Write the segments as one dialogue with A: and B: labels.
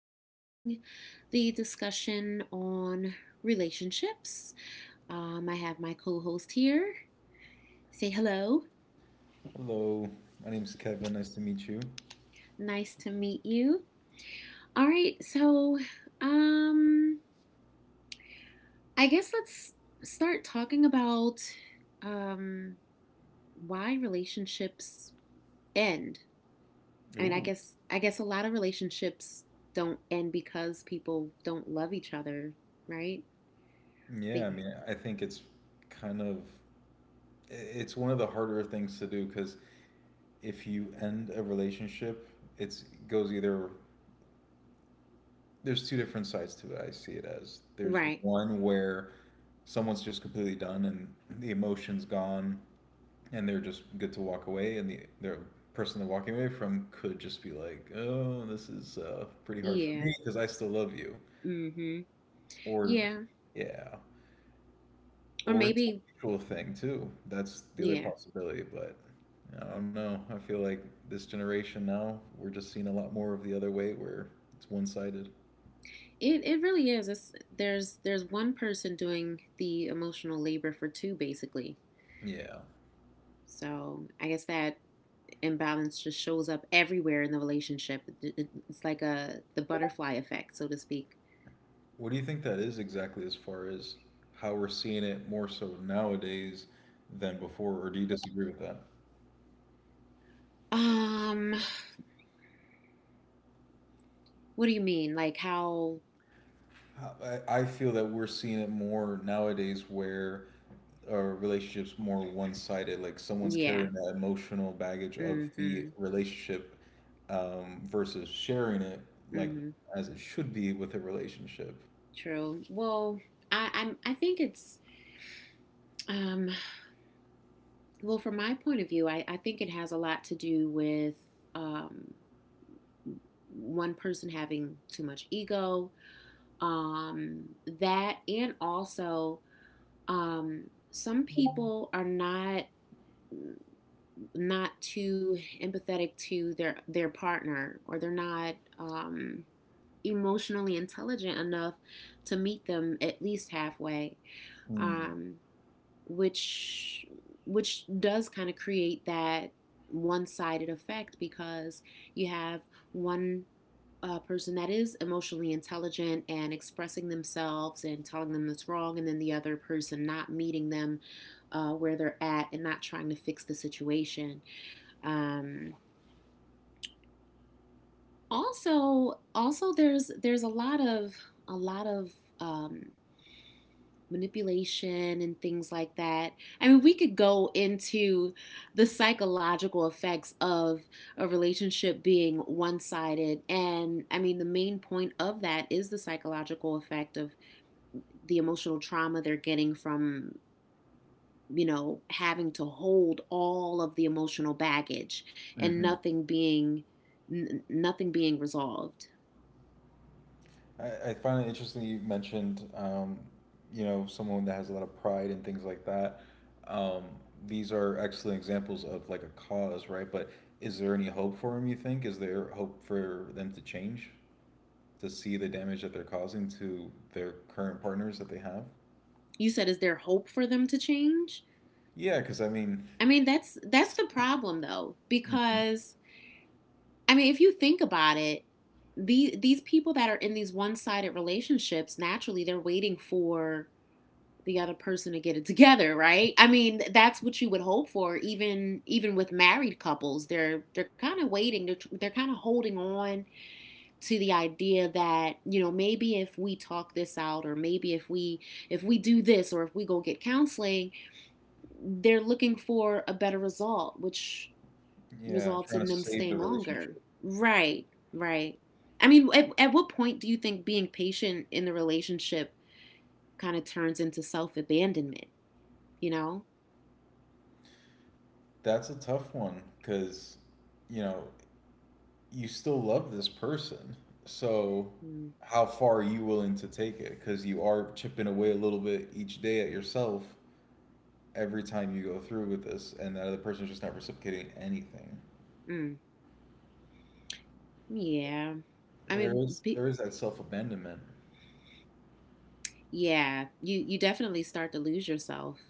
A: starting the discussion on relationships. I have my co host here. Say hello.
B: Hello, my name is Kevin. Nice to meet you.
A: Nice to meet you. All right, so um, I guess let's start talking about um, why relationships end. I mean,
B: Ooh.
A: I guess a lot of relationships don't end because people don't love each other, right?
B: Yeah, I mean,
A: The
B: I think it's kind of it's one of the harder things to do because if you end a relationship, it goes either there's two different sides to it. I see it as there's
A: Right.
B: one where someone's just completely done and the emotion's gone and they're just good to walk away, and the person they're walking away from could just be like, "Oh, this is pretty hard for me
A: Yeah.
B: because I still love you,"
A: Mm-hmm.
B: or
A: Yeah.
B: yeah. Or
A: Or
B: it's a
A: maybe
B: mutual thing too. That's the other
A: yeah.
B: possibility, but I don't know. I feel like this generation now, we're just seeing a lot more of the other way where it's one-sided.
A: It really is. It's, there's one person doing the emotional labor for two basically.
B: Yeah.
A: So I guess that imbalance just shows up everywhere in the relationship. It's like a the butterfly effect, so to speak.
B: What do you think that is exactly as far as how we're seeing it more so nowadays than before, or do you disagree with that?
A: Um, what do you mean? Like how?
B: I feel that we're seeing it more nowadays where our relationships more one-sided like someone's carrying
A: Yeah.
B: that emotional baggage of the
A: Mm-hmm.
B: relationship versus sharing it like
A: Mm-hmm.
B: as it should be with a relationship.
A: True. Well, I think it's. um Well, from my point of view, I think it has a lot to do with um, one person having too much ego, um, that, and also um, some people are not too empathetic to their partner, or they're not emotionally intelligent enough to meet them at least halfway.
B: Mm-hmm.
A: Um, which which does kind of create that one-sided effect, because you have one person that is emotionally intelligent and expressing themselves and telling them it's wrong, and then the other person not meeting them where they're at and not trying to fix the situation. Um, also, there's a lot of um, manipulation and things like that. I mean, we could go into the psychological effects of a relationship being one sided. And I mean, the main point of that is the psychological effect of the emotional trauma they're getting from. You know, having to hold all of the emotional baggage and nothing being resolved.
B: I find it interesting you mentioned someone that has a lot of pride and things like that, um, these are excellent examples of like a cause, right? But is there any
A: Mm-hmm.
B: hope for them you think? Is there hope for them to change, to see the damage that they're causing to their current partners that they have?
A: You said, is there hope for them to change?
B: Yeah, because I mean,
A: I mean, that's the problem, though,
B: mhm,
A: because I mean, if you think about it, these people that are in these one-sided relationships, naturally, they're waiting for the other person to get it together, right? I mean, that's what you would hope for, even with married couples. They're kind of waiting. They're kind of holding on to the idea that, you know, maybe if we talk this out, or maybe if we do this, or if we go get counseling, they're looking for a better result, which
B: yeah,
A: results
B: trying
A: in
B: to
A: them
B: save
A: staying
B: the
A: longer,
B: relationship.
A: right? Right. I mean, at what point do you think being patient in the relationship kind of turns into self-abandonment, you know?
B: That's a tough one because, you know, you still love this person. So, how far are you willing to take it? Because you are chipping away a little bit each day at yourself every time you go through with this, and that other person's just not reciprocating anything.
A: Mm-mm. Yeah. i
B: There
A: mean
B: is there
A: be,
B: is that self abandonment.
A: yeah, you definitely start to lose yourself.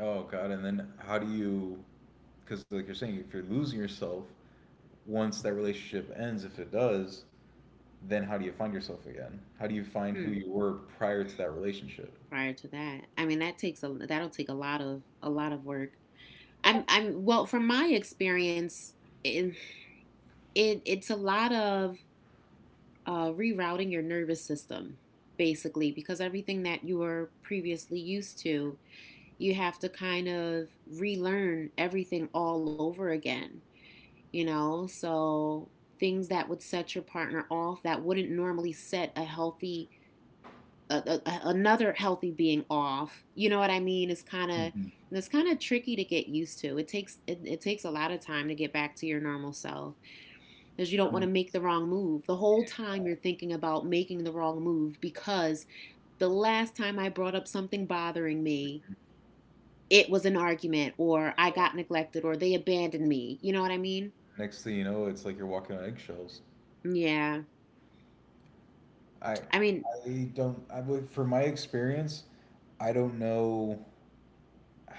B: Oh god, and then how do you, cuz like you're saying, if you're losing yourself once that relationship ends, if it does, then how do you find yourself again? How do you find who
A: Hmm.
B: you were prior to that relationship?
A: Prior to that. I mean, that takes a that'll take a lot of work. I'm well, from my experience, it, it's a lot of rerouting your nervous system, basically, because everything that you were previously used to, you have to kind of relearn everything all over again. You know, so things that would set your partner off that wouldn't normally set a healthy a, another healthy being off. You know what I mean? It's kind of
B: Mhm.
A: it's kind of tricky to get used to. It takes a lot of time to get back to your normal self, because you don't want
B: From,
A: to make the wrong move. The whole time you're thinking about making the wrong move, because the last time I brought up something bothering me, it was an argument, or I got neglected, or they abandoned me. You know what I mean?
B: next thing you know, it's like you're walking on eggshells.
A: Yeah.
B: I
A: I mean,
B: I don't I would for my experience, I don't know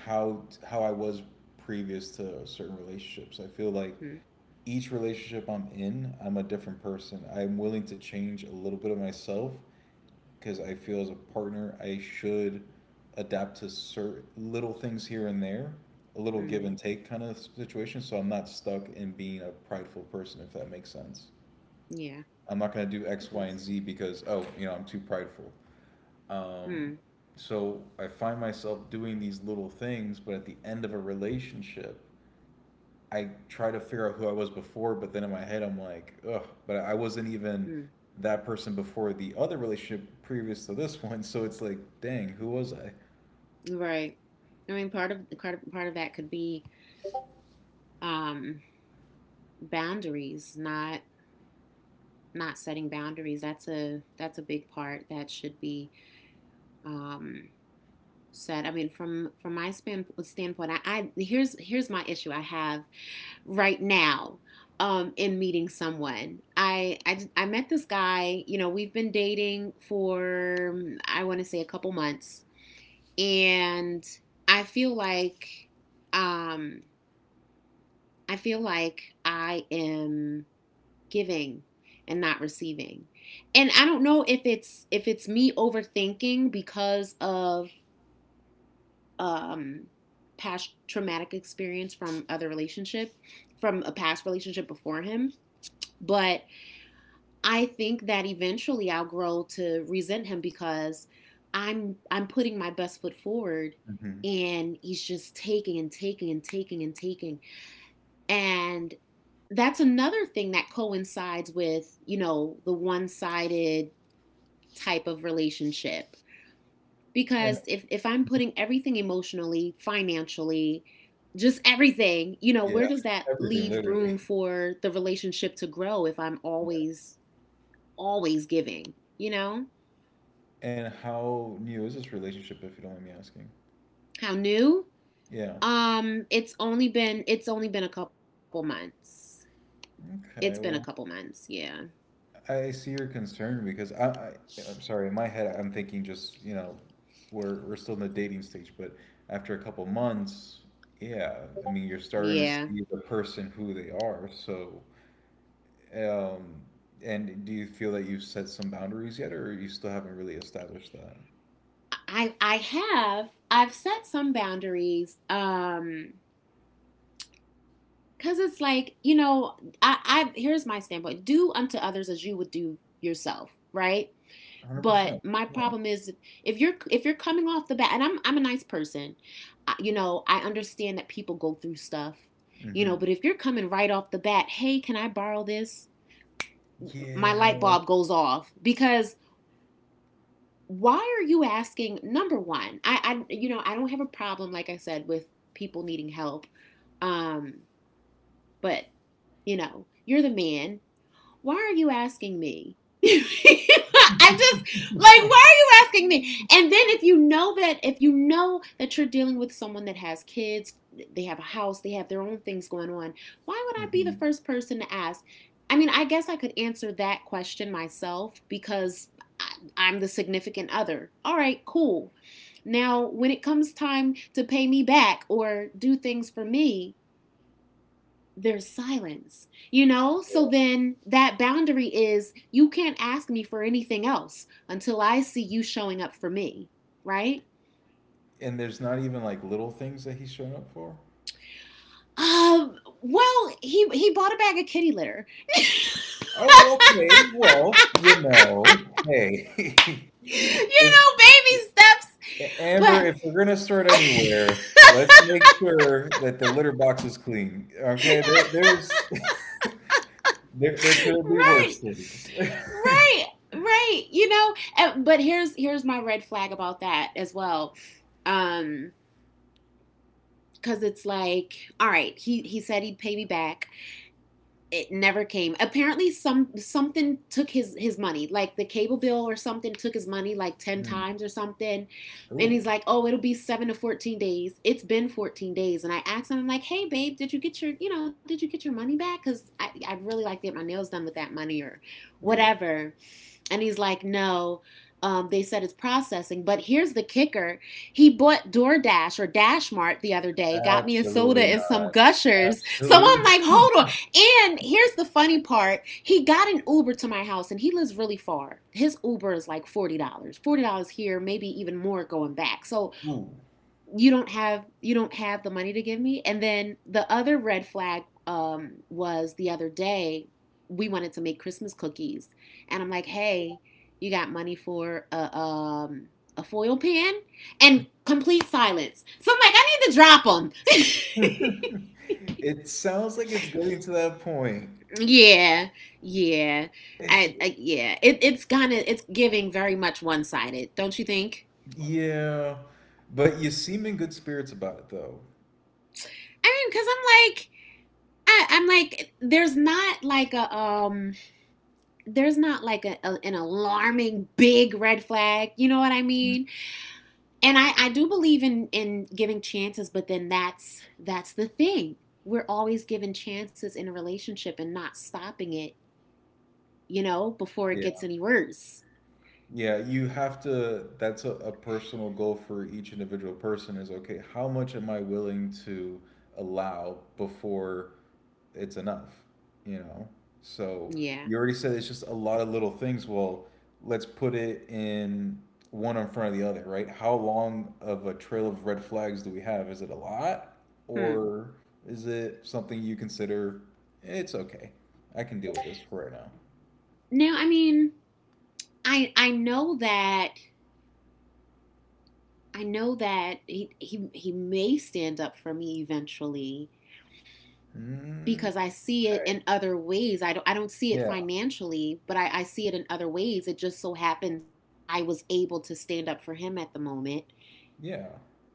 B: how I was previous to certain relationships. I feel like
A: mm,
B: each relationship I'm in, I'm a different person. I'm willing to change a little bit of myself because I feel as a partner I should adapt to certain little things here and there, a little give and
A: mm,
B: take kind of situation. So I'm not stuck in being a prideful person, if that makes sense.
A: yeah,
B: I'm not going to do X,
A: it
B: Y, and
A: does.
B: Z because, oh, you know, I'm too prideful. Um,
A: Mm,
B: so I find myself doing these little things, but at the end of a relationship, I try to figure out who I was before, but then in my head I'm like, ugh, but I wasn't even
A: mm,
B: that person before the other relationship previous to this one. So it's like, dang, who was I?
A: right. I mean, part of that could be um, boundaries, not setting boundaries. That's a big part that should be um, said. I mean, from standpoint, I here's my issue I have right now, in meeting someone. I met this guy. You know, we've been dating for, I want to say, a couple months, and I feel like, um, I am giving and not receiving. And I don't know if it's me overthinking because of um past traumatic experience from a past relationship before him, but I think that eventually I'll grow to resent him, because I'm putting my best foot forward,
B: Hmm.
A: and he's just taking and taking and taking and taking. And that's another thing that coincides with, you know, the one-sided type of relationship,
B: And
A: because if I'm putting everything, emotionally, financially, just everything, you know,
B: yeah,
A: where does that
B: everything
A: leave room
B: literally.
A: for the relationship to grow if I'm
B: Yeah.
A: always giving, you know?
B: And how new is this relationship, if you don't mind me asking?
A: How new?
B: Yeah.
A: It's only been a couple months. It's been a
B: Okay.
A: couple
B: Well,
A: months, yeah.
B: I see your concern because I I'm sorry, in my head I'm thinking just, you know, we're still in the dating stage, but after a couple months, yeah, I mean you're starting to
A: Yeah.
B: see the person who they are. So, um, and do you feel that you've set some boundaries yet, or you still haven't really established that?
A: I've set some boundaries, cause it's like, you know, I here's my standpoint: do unto others as you would do yourself, right? But my
B: 100%.
A: problem is,
B: Yeah.
A: if you're coming off the bat, and I'm a nice person, you know, I understand that people go through stuff, you know, but
B: Hmm.
A: if you're coming right off the bat, hey, can I borrow this? My light
B: Yeah.
A: bulb goes off, because why are you asking? Number one, I you know, I don't have a problem, like I said, with people needing help, um, but, you know, you're the man, why are you asking me? I just like, why are you asking me? And then if you know that, you're dealing with someone that has kids, they have a house, they have their own things going on, why would I be the
B: Hmm.
A: first person to ask? I mean, I guess I could answer that question myself, because am the significant other. All right, cool. Now, when it comes time to pay me back or do things for me, there's silence, you know? So then that boundary is, you can't ask me for anything else until I see you showing up for me, right?
B: And there's not even like little things that he's shown up for.
A: Um, well, he bought a bag of kitty litter.
B: Oh, okay. Well, you know, hey,
A: You
B: if
A: know, baby steps.
B: Amber,
A: But
B: if we're gonna start anywhere, let's make sure that the litter box is clean. Okay, there's there could be
A: right,
B: worse things.
A: right, right, you know, but here's my red flag about that as well. Um cuz it's like, all right, he said he'd pay me back. It never came. Apparently, something took his money, like the cable bill or something took his money like ten
B: Mm,
A: times or something. And
B: ooh,
A: he's like, "Oh, it'll be 7 to 14 days." It's been 14 days, and I asked him, "I'm like, hey, babe, did you get your you know did you get your money back? Because I'd really like to get my nails done with that money or
B: yeah,
A: whatever." And he's like, no, they said it's processing. But here's the kicker, he bought DoorDash or Dashmart the other day, got me a soda
B: absolutely
A: and some
B: not.
A: gushers. So I'm
B: Absolutely.
A: like, hold on. And here's the funny part, he got an Uber to my house, and he lives really far. His Uber is like $40, dollars. $40 here, maybe even more going back. So
B: Ooh.
A: you don't have the money to give me. And then the other red flag, was the other day we wanted to make Christmas cookies, and I'm like, hey, you got money for a foil pan? And complete silence, so I'm like, I need to drop them.
B: It sounds like it's getting to that point.
A: Yeah, yeah.
B: Ish.
A: I yeah, it, it's kind of it's giving very much one-sided, don't you think?
B: Yeah, but you seem in good spirits about it, though.
A: I mean, because I'm like, I, i'm like there's not like a um there's not like a, an alarming big red flag, you know what I mean? And I do believe in giving chances, but then that's the thing, we're always given chances in a relationship and not stopping it, you know, before it gets any worse.
B: Yeah, you have to. That's a personal goal for each individual person is, okay, how much am I willing to allow before it's enough? You know? So
A: Yeah.
B: you already said it's just a lot of little things. Well, let's put it in one in front of the other, right? How long of a trail of red flags do we have? Is it a lot,
A: Hmm.
B: or is it something you consider it's okay? I can deal with this for right now.
A: Now, I mean, i i know that I know that he may stand up for me eventually, because I see it in other ways. I don't see it
B: Mm,
A: financially, but I see it in other ways. It just so happened that I was able to stand up for him at the moment.
B: yeah.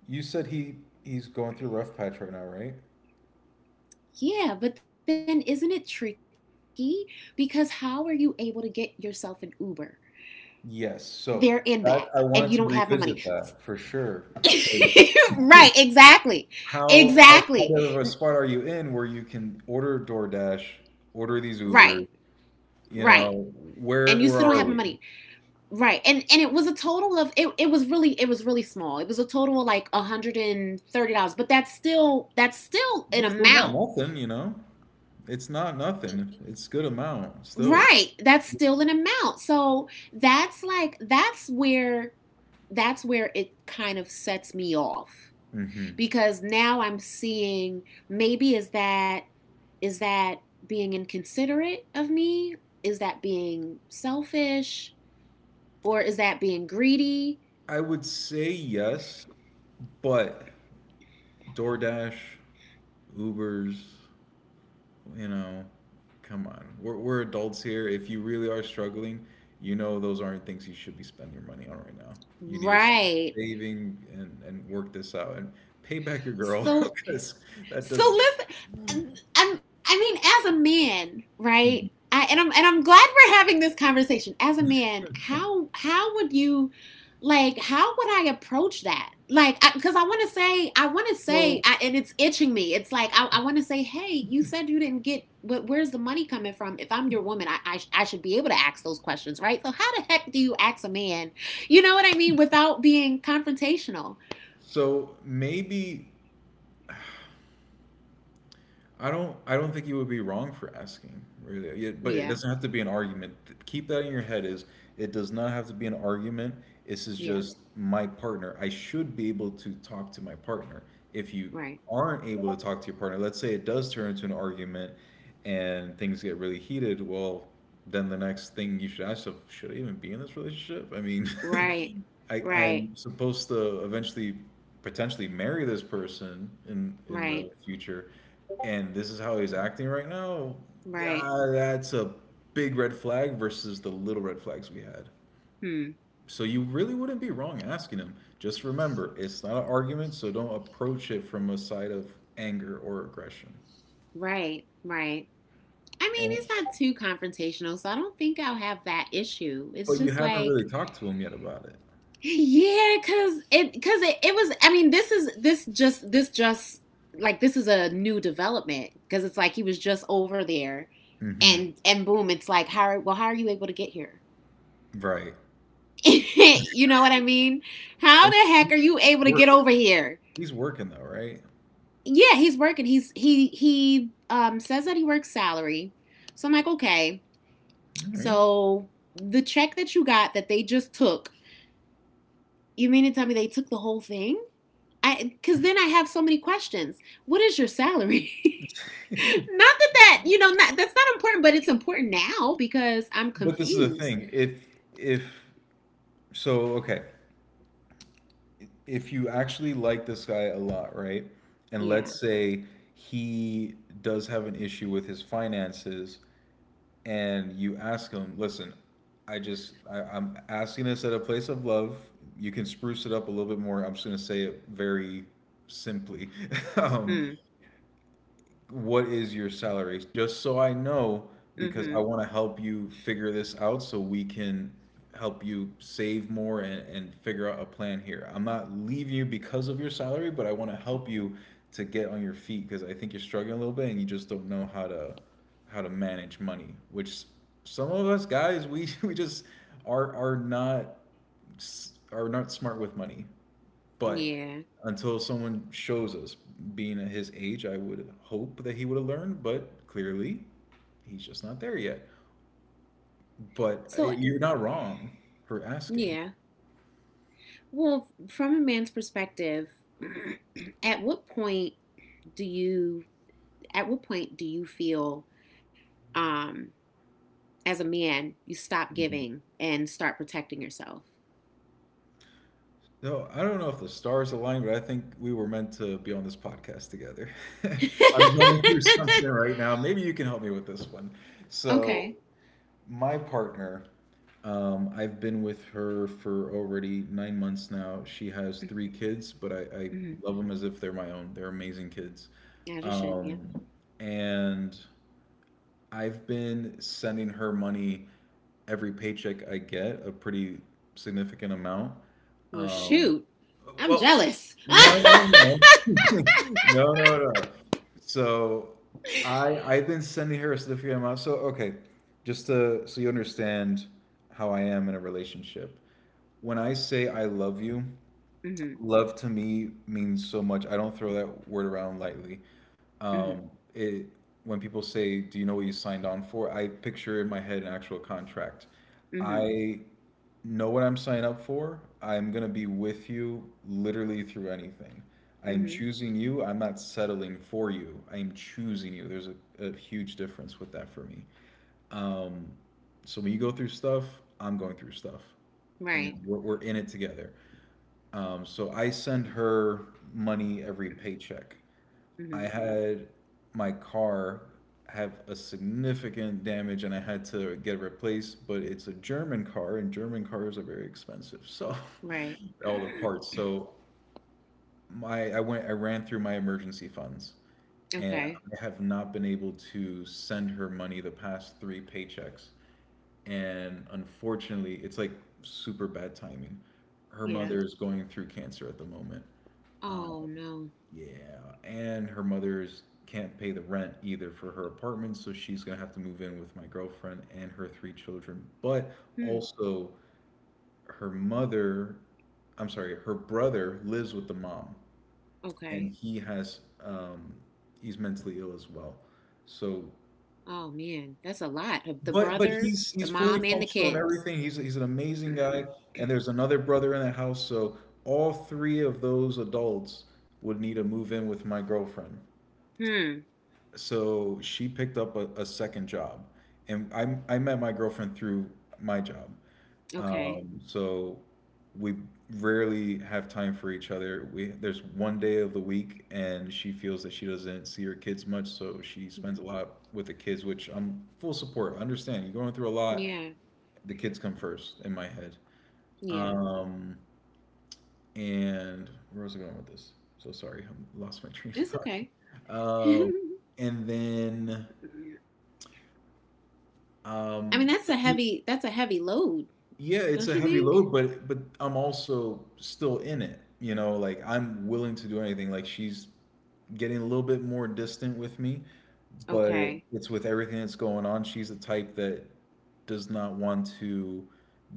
B: You said he he's going through a rough patch right now, right?
A: Yeah, but then isn't it tricky? Because how are you able to get yourself an Uber?
B: Yes.
A: There and
B: So
A: back, and
B: that
A: you
B: I
A: don't have my
B: wanted to
A: money.
B: revisit that for sure. Because
A: Right, exactly.
B: how
A: Exactly.
B: kind of a spot are you in where you can order DoorDash, order these
A: Right,
B: Ubers? You know,
A: right.
B: where
A: And
B: where
A: you still
B: are
A: don't
B: we?
A: have my money. Right. And it was a total of it was really small. It was a total of like $130, but that's still that's
B: It's
A: still an
B: still not
A: amount.
B: nothing. You know, it's not nothing. It's good amount still.
A: Right. That's still an amount. So that's where it kind of sets me off,
B: Hmm.
A: because now I'm seeing, maybe is that, is that being inconsiderate of me? Is that being selfish, or is that being greedy?
B: I would say yes, but DoorDash, Ubers, you know, come on. We're adults here. If you really are struggling, you know those aren't things you should be spending your money on right now. You need to start
A: Right.
B: saving and work this out and pay back your girl
A: So,
B: because that
A: So
B: does.
A: listen, I mean, as a man, right? I, and I'm glad we're having this conversation. As a man, how would you like how would I approach that? Like, because I want to say, I want to say,
B: So,
A: and it's itching me. It's like I want to say, hey, you said you didn't get. But where's the money coming from? If I'm your woman, I should be able to ask those questions, right? So how the heck do you ask a man? What I mean, without being confrontational?
B: so maybe I don't, I don't think you would be wrong for asking, really. It, but it
A: Yeah,
B: doesn't have to be an argument. Th- Keep that in your head is it does not have to be an argument. This is
A: yeah,
B: just my partner. I should be able to talk to my partner. If you
A: right,
B: aren't able to talk to your partner, let's say it does turn into an argument and things get really heated, well, then the next thing you should ask yourself, should I even be in this relationship? I mean,
A: right,
B: I,
A: right.
B: I'm supposed to eventually potentially marry this person in
A: Right.
B: the future and this is how he's acting right now.
A: Right.
B: Yeah, that's a big red flag versus the little red flags we had.
A: Hmm.
B: So you really wouldn't be wrong asking him. Just remember it's not an argument, so don't approach it from a side of anger or aggression.
A: Right. Right. I mean,
B: And
A: it's not too confrontational, so I don't think I'll have that issue. It's
B: but you
A: just
B: haven't
A: like,
B: really talked to him yet about it.
A: yeah, cause it was. I mean, this just like this is a new development because it's like he was just over there
B: Hmm.
A: and boom, it's like how well how are you able to get here?
B: Right.
A: you know what I mean? How
B: And
A: the heck
B: he-
A: are you
B: he's
A: able to get
B: working,
A: over here?
B: he's working though, right?
A: Yeah, he's working. He says that he works salary. So I'm like, okay.
B: All right.
A: So the check that you got that they just took, you mean to tell me they took the whole thing? I because then I have so many questions. What is your salary? not that's not important, but it's important now because I'm
B: But this is the
A: confused.
B: thing, if, so, okay, if you actually like this guy a lot, right? And
A: Yeah.
B: let's say he does have an issue with his finances, and you ask him, listen, I just, I'm asking this at a place of love. You can spruce it up a little bit more. I'm just going to say it very simply. Um,
A: Mm.
B: what is your salary? Just so I know,
A: Hmm.
B: because I
A: Mm-hmm.
B: want to help you figure this out so we can help you save more and figure out a plan here. I'm not leaving you because of your salary, but I want to help you to get on your feet because I think you're struggling a little bit and you just don't know how to manage money, which some of us guys we we just are are not are not smart with money. But
A: Yeah.
B: until someone shows us, being at his age, I would hope that he would have learned, but clearly he's just not there yet. But
A: So
B: you're not wrong for asking.
A: yeah. Well, from a man's perspective, at what point do you feel um as a man, you stop giving and start protecting yourself.
B: No, I don't know if the stars aligned, but I think we were meant to be on this podcast together. I'm going through something right now. Maybe you can help me with this one. So,
A: okay.
B: my partner, I've been with her for already 9 months now. She has three kids, but I
A: Mm-hmm.
B: love them as if they're my own. They're amazing kids.
A: As you should, yeah.
B: Um, and I've been sending her money every paycheck I get, a pretty significant amount.
A: Well,
B: Um,
A: shoot. I'm
B: well,
A: jealous.
B: no, no, no, no, no, no. So I I've been sending her a significant amount. So okay, just to so you understand how I am in a relationship. When I say I love you.
A: mm-hmm.
B: Love to me means so much. I don't throw that word around lightly.
A: Mm-hmm.
B: It when people say, "Do you know what you signed on for?" I picture in my head an actual contract.
A: Mm-hmm.
B: I know what I'm signing up for. I'm gonna be with you literally through anything. I am
A: Mm-hmm.
B: choosing you. I'm not settling for you. I am choosing you. There's a huge difference with that for me. Um, so when you go through stuff, I'm going through stuff, and
A: Right.
B: we're in it together. So I send her money every paycheck. I
A: Mm-hmm.
B: had my car have a significant damage and I had to get it replaced, but it's a German car and German cars are very expensive. So
A: Right.
B: all the parts. So my I went I ran through my emergency funds and
A: Okay.
B: I have not been able to send her money the past 3 paychecks. And unfortunately, it's like super bad timing. Her
A: Yeah.
B: mother is going through cancer at the moment. um,
A: Oh, no.
B: Yeah, and her mother's can't pay the rent either for her apartment, so she's gonna have to move in with my girlfriend and her three children. But
A: Hmm.
B: also, her mother, I'm sorry, her brother lives with the mom, and
A: Okay.
B: he has, he's mentally ill as well. So,
A: Oh, man. That's a lot. Of The
B: but
A: brother,
B: he's
A: the
B: he's
A: mom,
B: fully
A: and the
B: functional and
A: kids.
B: everything. He's an amazing guy, and there's another brother in the house, so all three of those adults would need to move in with my girlfriend.
A: hmm.
B: So she picked up a second job, and I met my girlfriend through my job.
A: Okay.
B: So we rarely have time for each other. We there's one day of the week, and she feels that she doesn't see her kids much, so she spends
A: Mhm.
B: a lot with the kids, which I'm full support. I understand you're going through a lot.
A: Yeah.
B: The kids come first in my head.
A: Yeah.
B: um and where was I going with this? So sorry, I lost my train of
A: It's okay.
B: thought. And then
A: I mean,
B: um,
A: that's a heavy load,
B: yeah, it's
A: don't
B: a
A: you
B: heavy
A: think?
B: load, but I'm also still in it. You know, like I'm willing to do anything. Like, she's getting a little bit more distant with me, but
A: Okay.
B: it's with everything that's going on. She's the type that does not want to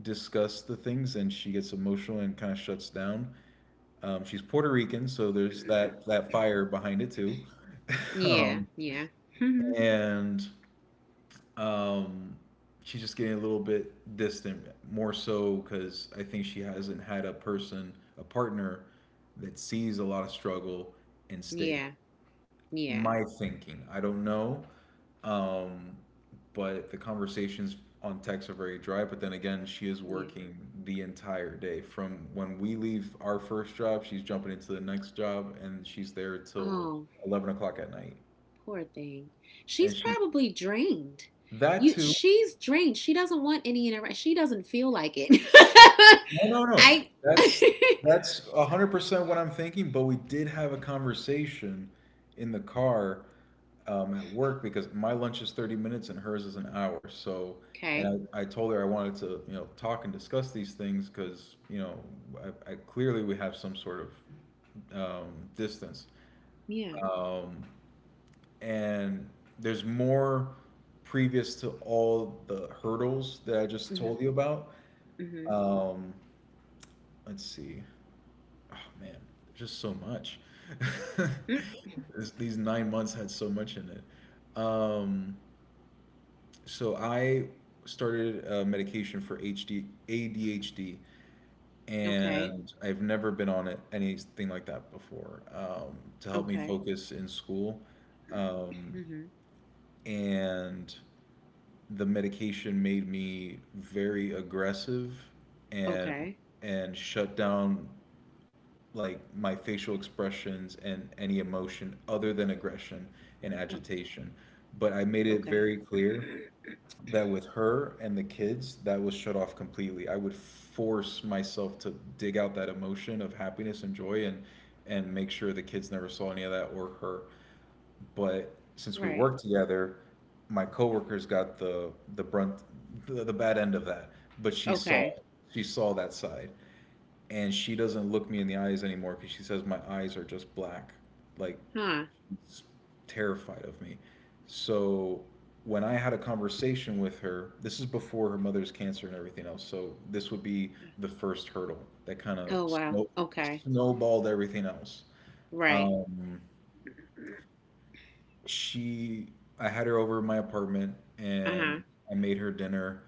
B: discuss the things, and she gets emotional and kind of shuts down. She's Puerto Rican, so there's that fire behind it too.
A: Yeah.
B: Um,
A: Yeah.
B: and um, she's just getting a little bit distant, more so because I think she hasn't had a person, a partner, that sees a lot of struggle and stays.
A: yeah. Yeah.
B: My thinking, I don't know, um, but the conversations on text are very dry. But then again, she is
A: Yeah.
B: working the entire day. From when we leave our first job, she's jumping into the next job, and she's there till
A: Oh,
B: 11 o'clock at night,
A: poor thing. She's
B: and she
A: probably drained.
B: that
A: You
B: too.
A: She's drained. She doesn't want any interaction. She doesn't feel like it.
B: No, no, no.
A: I
B: That's that's 100% what I'm thinking, but we did have a conversation in the car, at work because my lunch is 30 minutes and hers is an hour. So,
A: Okay.
B: and I told her I wanted to, you know, talk and discuss these things because, you know, I clearly we have some sort of distance.
A: Yeah.
B: Um, and there's more previous to all the hurdles that I just
A: Mhm.
B: told you about.
A: Mhm.
B: Um, let's see. Oh man, just so much.
A: Mm,
B: These 9 months had so much in it. So I started medication for ADHD,
A: Okay.
B: and I've never been on it anything like that before, to help me
A: Okay.
B: focus in school. Um,
A: Mhm.
B: and the medication made me very aggressive and
A: Okay.
B: shut down like my facial expressions and any emotion other than aggression and
A: Oh,
B: agitation. But I made it
A: okay.
B: very clear that with her and the kids, that was shut off completely. I would force myself to dig out that emotion of happiness and joy and make sure the kids never saw any of that or her. But since we
A: Right.
B: worked together, my coworkers got the brunt, the bad end of that, but she saw
A: Okay.
B: it. She saw that side, and she doesn't look me in the eyes anymore because she says my eyes are just black, like
A: Huh.
B: terrified of me. So when I had a conversation with her, this is before her mother's cancer and everything else. So this would be the first hurdle that kind of
A: Oh, wow. Okay.
B: snowballed everything else.
A: Right.
B: She, I had her over at my apartment
A: Uh-huh.
B: and I made her dinner,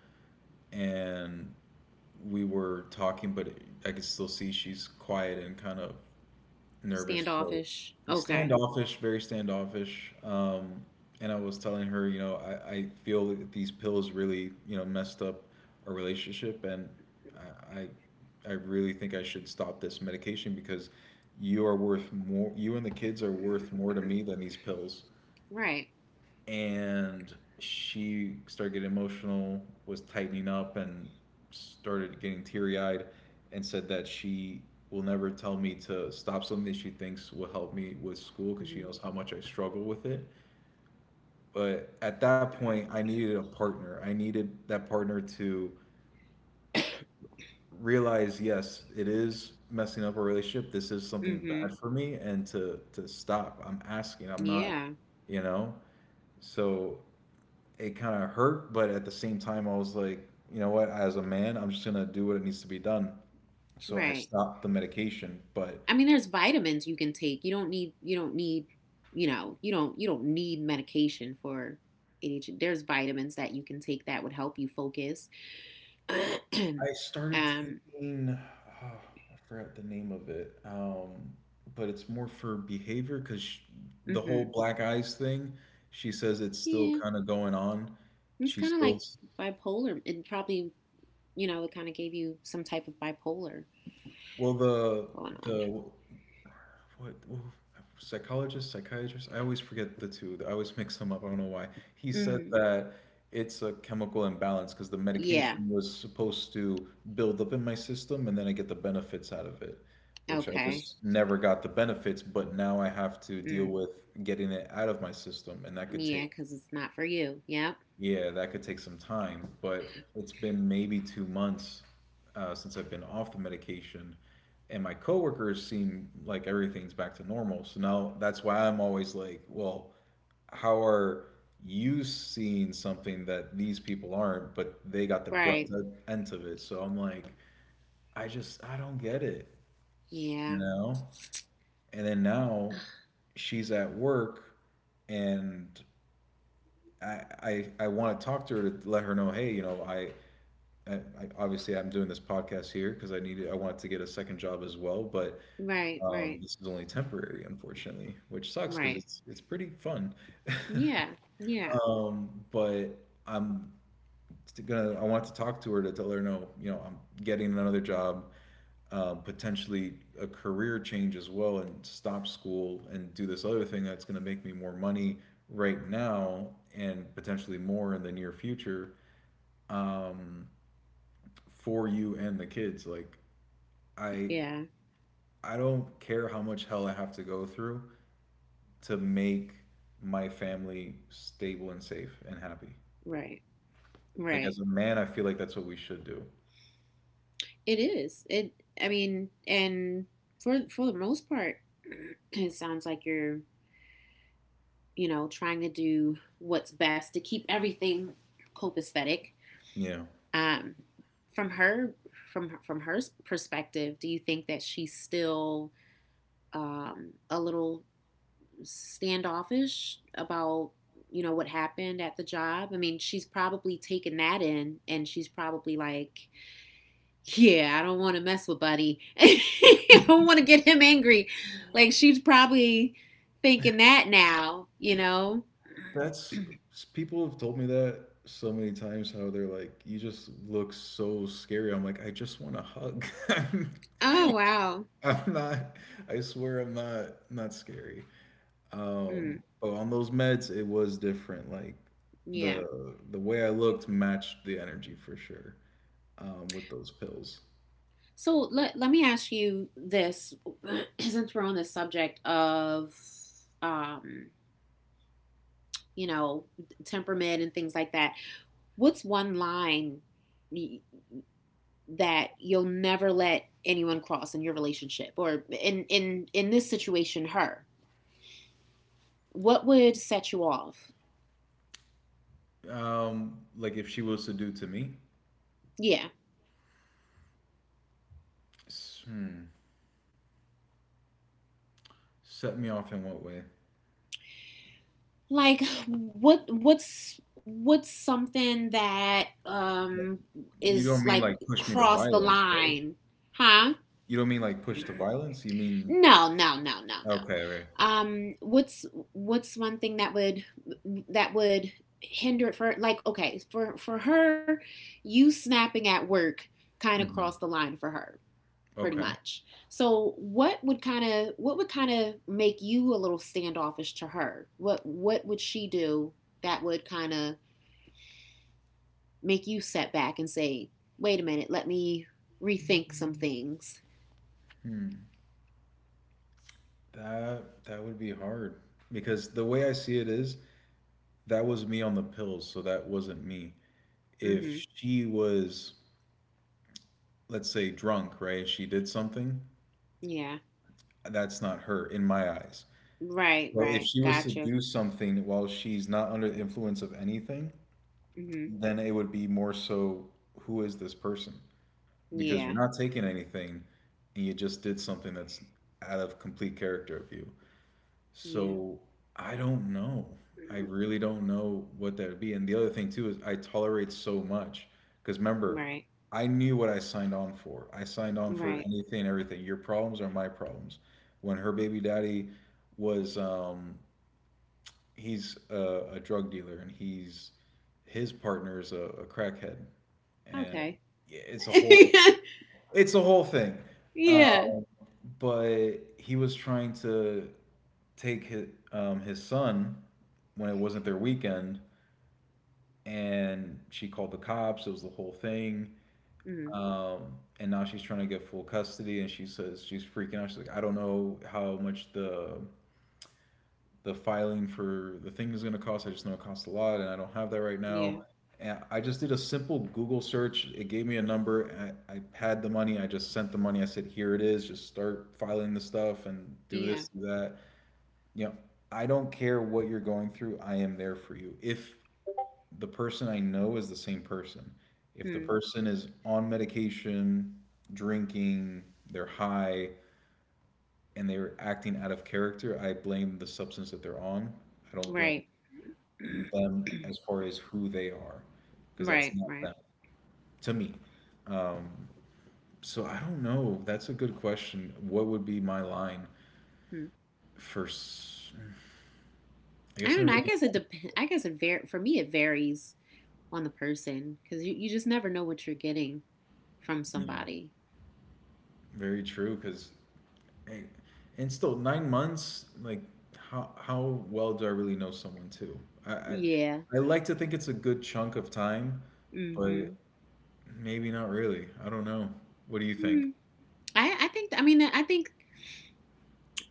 B: and we were talking, but I could still see she's quiet and kind of nervous, so
A: Standoffish. Okay.
B: standoffish, very standoffish. And I was telling her, you know, I feel that these pills really, you know, messed up our relationship, and I, I I really think I should stop this medication because you are worth more. You and the kids are worth more to me than these pills.
A: Right.
B: And she started getting emotional, was tightening up, and started getting teary eyed, and said that she will never tell me to stop something that she thinks will help me with school because she
A: Mm-hmm.
B: knows how much I struggle with it. But at that point, I needed a partner. I needed that partner to realize, yes, it is messing up our relationship. This is something bad
A: Mm-hmm.
B: for me, and to stop. I'm asking. I'm not,
A: Yeah.
B: you know. So it kind of hurt, but at the same time, I was like, you know what? As a man, I'm just gonna do what it needs to be done. So I
A: Right.
B: stopped the medication, but
A: I mean, there's vitamins you can take. You don't need. You don't need. You know. You don't. You don't need medication for ADHD. There's vitamins that you can take that would help you focus. um.
B: I started
A: Mm-hmm.
B: taking. Oh, I forgot the name of it, but it's more for behavior because the whole black eyes thing. She says it's still
A: Yeah.
B: kind of going on. She
A: It's kind of
B: still.
A: like bipolar. It probably. You know. It kind of gave you some type of bipolar
B: Well,
A: going on.
B: the what psychologist, psychiatrist? I always forget the two. I always mix them up. I don't know why. He said
A: Mm-hmm.
B: that it's a chemical imbalance because the
A: Yeah.
B: medication was supposed to build up in my system and then I get the benefits out of it, which I
A: Okay.
B: just never got the benefits, but now I have to deal
A: Mm.
B: with getting it out of my system, and that could take,
A: Yeah, because it's not for you. Yep.
B: yeah, that could take some time, but it's been maybe 2 months since I've been off the medication, and my coworkers seem like everything's back to normal. So now that's why I'm always like, well, how are you seeing something that these people aren't, but they got the
A: Right.
B: brunt end of it? So I'm like, I don't get it, you
A: Yeah.
B: know? And then now she's at work, and I want to talk to her to let her know, hey, you know, obviously I'm doing this podcast here because I wanted to get a second job as well, but
A: Right, right,
B: this is only temporary, unfortunately, which sucks because
A: right.
B: it's pretty fun.
A: Yeah. Yeah.
B: But I'm st- gonna I want to talk to her to tell her, no, you know, I'm getting another job, potentially a career change as well, and stop school and do this other thing that's gonna make me more money right now and potentially more in the near future, um, for you and the kids. Like, I
A: Yeah.
B: I don't care how much hell I have to go through to make my family stable and safe and happy.
A: Right. Right.
B: Like, as a man, I feel like that's what we should do.
A: It is. It I mean, and for the most part, it sounds like you're, you know, trying to do what's best to keep everything copacetic.
B: Yeah.
A: Um, from her from her perspective, do you think that she's still a little standoffish about you know what happened at the job. I mean, she's probably taken that in and she's probably like, yeah, I don't want to mess with Buddy. I don't want to get him angry. Like she's probably thinking that now, you know.
B: That's, people have told me that so many times how they're like, you just look so scary. I'm like, I just want a hug. I'm
A: Oh wow.
B: I'm not, I swear I'm not not scary.
A: Mm,
B: But on those meds it was different. Like,
A: yeah.
B: the way I looked matched the energy for sure. With those pills.
A: So let me ask you this since we're on the subject of um, you know, temperament and things like that. What's one line that you'll never let anyone cross in your relationship or in this situation her what would set you off
B: Like, if she was to do to me,
A: yeah
B: S- hmm, set me off in what way?
A: like what's what's something that
B: You
A: is
B: don't mean
A: like
B: like push me to
A: cross the
B: violence, right?
A: line huh
B: You don't mean like push to violence? You mean,
A: no no no no
B: okay, okay.
A: no what's what's one thing that would hinder it for like okay for her you snapping at work kind of crossed the
B: Hmm.
A: line for her pretty
B: Okay.
A: much. So what would kind of make you a little standoffish to her? What would she do that would kind of make you set back and say, "Wait a minute, let me rethink some things."
B: That would be hard because the way I see it is that was me on the pills, so that wasn't me. If
A: Mhm.
B: she was, let's say, drunk, right? She did something,
A: Yeah.
B: that's not her in my eyes.
A: Right,
B: So if
A: right.
B: she was to
A: Gotcha.
B: do something while she's not under the influence of anything,
A: Mhm.
B: then it would be more so, who is this person? Because you're
A: Yeah.
B: not taking anything and you just did something that's out of complete character of you.
A: Yeah.
B: So I don't know. I
A: Mm-hmm.
B: really don't know what that would be. And the other thing too is I tolerate so much because remember,
A: Right.
B: I knew what I signed on for. I signed on for
A: Right.
B: anything and everything. Your problems are my problems. When her baby daddy was he's a drug dealer, and he's his partner is a crackhead, and
A: Okay.
B: yeah, it's a whole, it's a whole thing. Um,
A: yeah.
B: but he was trying to take his son when it wasn't their weekend, and she called the cops. It was the whole thing.
A: Mm,
B: um, and now she's trying to get full custody, and she says she's freaking out. She's like, I don't know how much the filing for the thing is going to cost. I just know it costs a lot, and I don't have that right
A: yeah.
B: now. And I just did a simple Google search. It gave me a number. I had the money. I just sent the money. I said, "Here it is. Just start filing the stuff and do this,
A: Yeah.
B: do that." You know, I don't care what you're going through. I am there for you. If the person I know is the same person, if the
A: Hmm.
B: person is on medication, drinking, they're high, and they're acting out of character, I blame the substance that they're on. I don't blame
A: Right.
B: them as far as who they are, because that's
A: right.
B: not
A: Right.
B: them to me. Um, so I don't know. That's a good question. What would be my line
A: Hmm.
B: for? I
A: I
B: guess I
A: don't
B: never
A: know. I
B: really
A: guess it
B: thought,
A: depends. It for me it varies on the person because you just never know what you're getting from
B: you know,
A: somebody.
B: very true. Because and still 9 months. Like how well do I really know someone too? I
A: Yeah.
B: I like to think it's a good chunk of time, but
A: Mm-hmm.
B: maybe not really. I don't know. What do you think?
A: Mm. I think I mean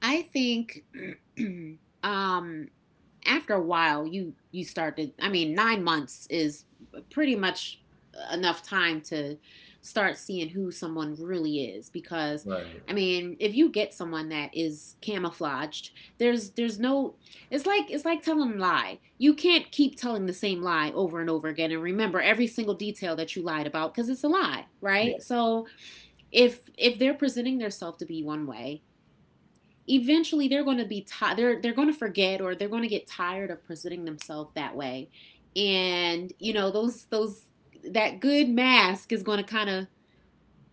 A: I think um after a while you start to I mean 9 months is pretty much enough time to start seeing who someone really is because
B: Right.
A: I mean if you get someone that is camouflaged there's no it's like it's like telling a lie you can't keep telling the same lie over and over again and remember every single detail that you lied about because it's a lie
B: Yeah.
A: right so if they're presenting themselves to be one way eventually they're going to be tired they're going to forget or they're going to get tired of presenting themselves that way and you know those that good mask is going to kind of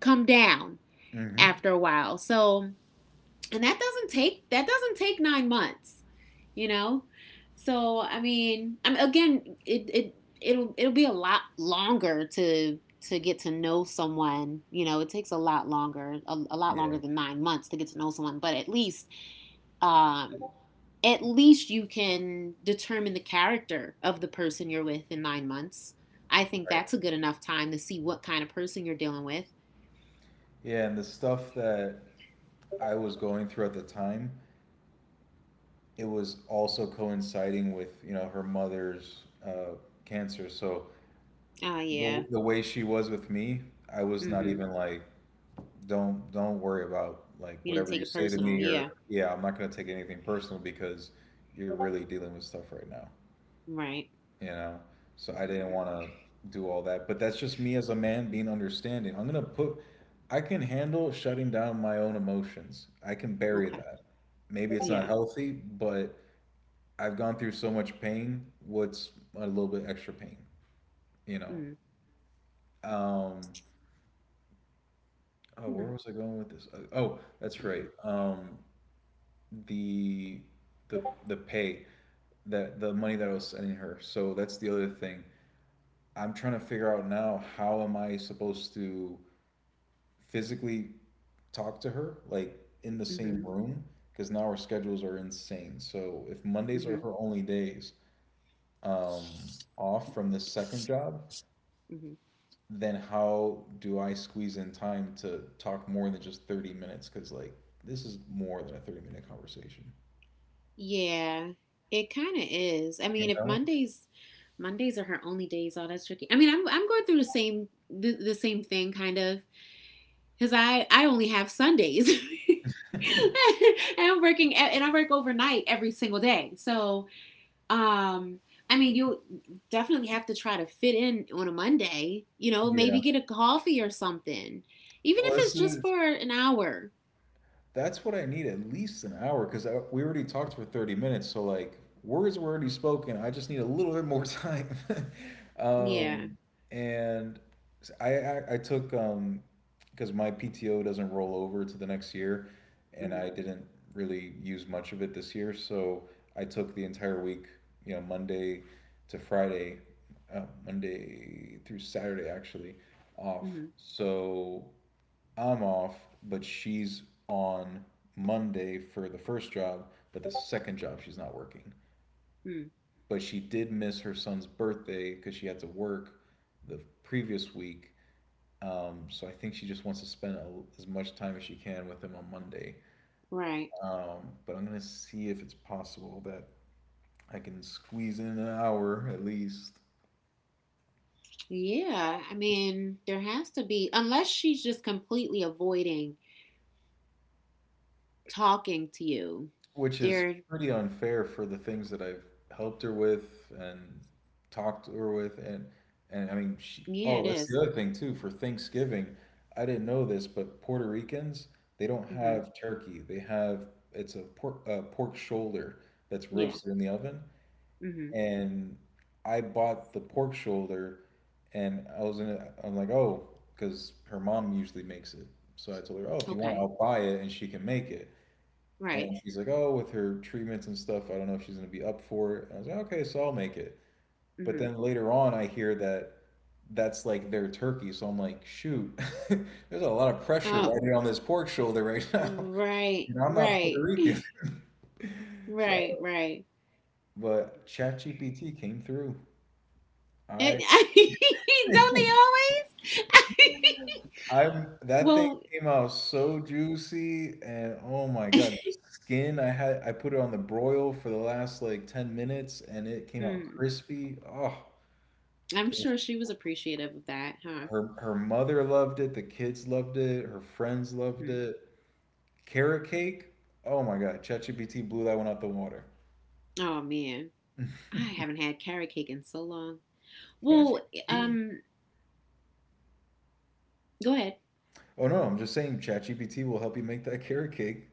A: come down
B: Mm-hmm.
A: after a while so and that doesn't take 9 months you know so I mean I'm again it'll it'll be a lot longer to get to know someone you know it takes a lot longer a lot longer
B: Yeah.
A: than 9 months to get to know someone but um, at least you can determine the character of the person you're with in 9 months. I think that's a good enough time to see what kind of person you're dealing with.
B: Yeah, and the stuff that I was going through at the time, it was also coinciding with, you know, her mother's cancer. So
A: Oh, yeah.
B: the way she was with me, I was
A: Mm
B: not
A: hmm.
B: even like, don't worry about like
A: You didn't
B: whatever
A: take
B: you
A: it
B: say to
A: personal.
B: me
A: Yeah.
B: or yeah, I'm not gonna take anything personal because you're really dealing with stuff right now.
A: Right.
B: you know so I
A: Mm-hmm.
B: didn't want to do all that, but that's just me as a man being understanding. I'm gonna put I can handle shutting down my own emotions. I can bury
A: Okay.
B: that. Maybe it's
A: Yeah.
B: not healthy, but I've gone through so much pain. What's a little bit extra pain you know
A: Mm
B: um oh,
A: hmm.
B: where was I going with this? Oh, that's right. The the pay that the money that I was sending her, so that's the other thing. I'm trying to figure out now, how am I supposed to physically talk to her, like in the
A: Mm hmm.
B: same room, because now our schedules are insane. So if Mondays are
A: Mm
B: her only days um, off from this second job,
A: hmm.
B: then how do I squeeze in time to talk more than just 30 minutes? Because, like, this is more than a 30-minute conversation.
A: Yeah. It kind of is. I mean,
B: You
A: if
B: know?
A: Mondays. Mondays are her only days. Oh, that's tricky. I mean, I'm going through the same thing, kind of, because I only have Sundays. and I'm working and I work overnight every single day. So, um I mean, you definitely have to try to fit in on a Monday, you know,
B: Yeah.
A: maybe get a coffee or something. Even if
B: Well, this
A: it's just
B: is
A: for an hour.
B: That's what I need, at least an hour, because we already talked for 30 minutes. So, like, words were already spoken. I just need a little bit more time.
A: Yeah.
B: um, and I took, because my PTO doesn't roll over to the next year, and
A: Mm-hmm.
B: I didn't really use much of it this year. So, I took the entire week, you know, Monday to Friday, Monday through Saturday actually, off.
A: Mm-hmm.
B: So, I'm off, but she's on Monday for the first job, but the second job she's not working.
A: Mm.
B: But she did miss her son's birthday because she had to work the previous week. So I think she just wants to spend a, as much time as she can with him on Monday.
A: Right.
B: But I'm gonna see if it's possible that I can squeeze in an hour at least.
A: Yeah. I mean, there has to be unless she's just completely avoiding talking to you.
B: Which is
A: There
B: pretty unfair for the things that I've helped her with and talked to her with and I mean
A: yeah,
B: she
A: it is.
B: oh, that's the other thing too for Thanksgiving. I didn't know this, but Puerto Ricans, they don't
A: Mm-hmm.
B: have turkey. They have it's a pork shoulder that's
A: Yeah.
B: roasted in the oven,
A: Mm-hmm.
B: and I bought the pork shoulder, and I was in a, I'm like, "Oh, cuz her mom usually makes it." So I told her, "Oh, if you want,
A: Okay.
B: I'll buy it and she can make it." And
A: Right.
B: she's like, oh, with her treatments and stuff, I don't know if she's going to be up for it. And I was like, okay, so I'll make it. But then
A: Mm-hmm.
B: later on, I hear that that's like their turkey. So I'm like, shoot, there's a lot of pressure
A: Oh,
B: riding on this pork shoulder right now.
A: right,
B: And I'm not
A: right,
B: Puerto Rican. So,
A: right, right.
B: but ChatGPT came through.
A: And,
B: I
A: don't they always?
B: I'm that thing
A: well,
B: came out so juicy, and oh my God, the skin I had I put it on the broil for the last like 10 minutes and it came out
A: mm,
B: crispy. Oh, it
A: I'm
B: was
A: sure she was appreciative of that, huh?
B: her her mother loved it, the kids loved it, her friends loved
A: Hmm.
B: it. Carrot cake? Oh my God, ChatGPT blew that one out the water.
A: Oh man, I haven't had carrot cake in so long. Well,
B: ChatGPT?
A: um, go ahead.
B: Oh no, I'm just saying ChatGPT will help you make that carrot cake.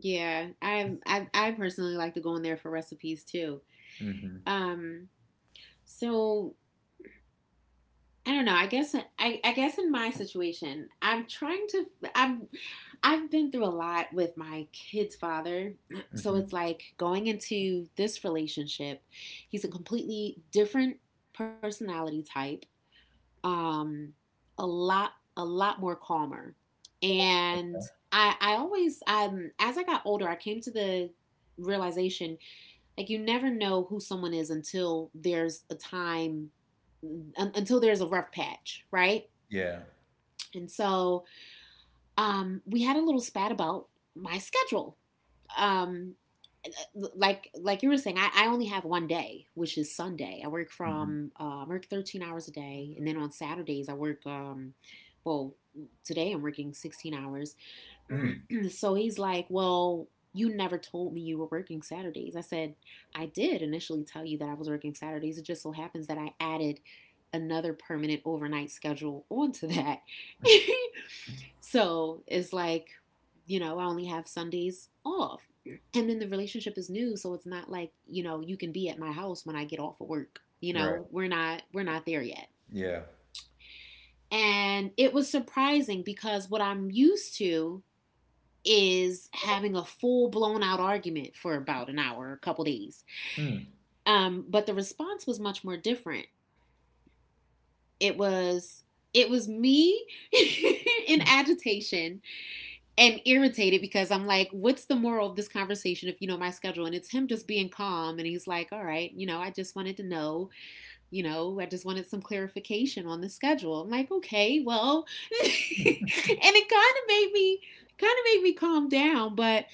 A: Yeah, I personally like to go in there for recipes too.
B: Hmm.
A: Um, so I don't know. I guess in my situation, I'm trying to I've I've been through a lot with my kid's father. So
B: Hmm.
A: it's like going into this relationship, he's a completely different personality type. Um, a lot a lot more calmer. And I always as I got older, I came to the realization like you never know who someone is until there's a time until there's a rough patch, right?
B: Yeah.
A: And so we had a little spat about my schedule. Um, like you were saying, I only have one day, which is Sunday. I work
B: Hmm.
A: from I work 13 hours a day, and then on Saturdays I work. Well, today I'm working 16 hours,
B: Mm.
A: so he's like, well, you never told me you were working Saturdays. I said, I did initially tell you that I was working Saturdays. It just so happens that I added another permanent overnight schedule onto that. so it's like, you know, I only have Sundays off. And then the relationship is new, so it's not like, you know, you can be at my house when I get off of work. You
B: Right.
A: know, we're not there yet.
B: Yeah.
A: And it was surprising because what I'm used to is having a full blown out argument for about an hour, a couple days.
B: Mm.
A: But the response was much more different. It was it was me in agitation and irritated because I'm like, what's the moral of this conversation if you know my schedule? And it's him just being calm and he's like, all right, you know, I just wanted to know, you know, I just wanted some clarification on the schedule. I'm like, okay, well, and it kind of made me kind of made me calm down, but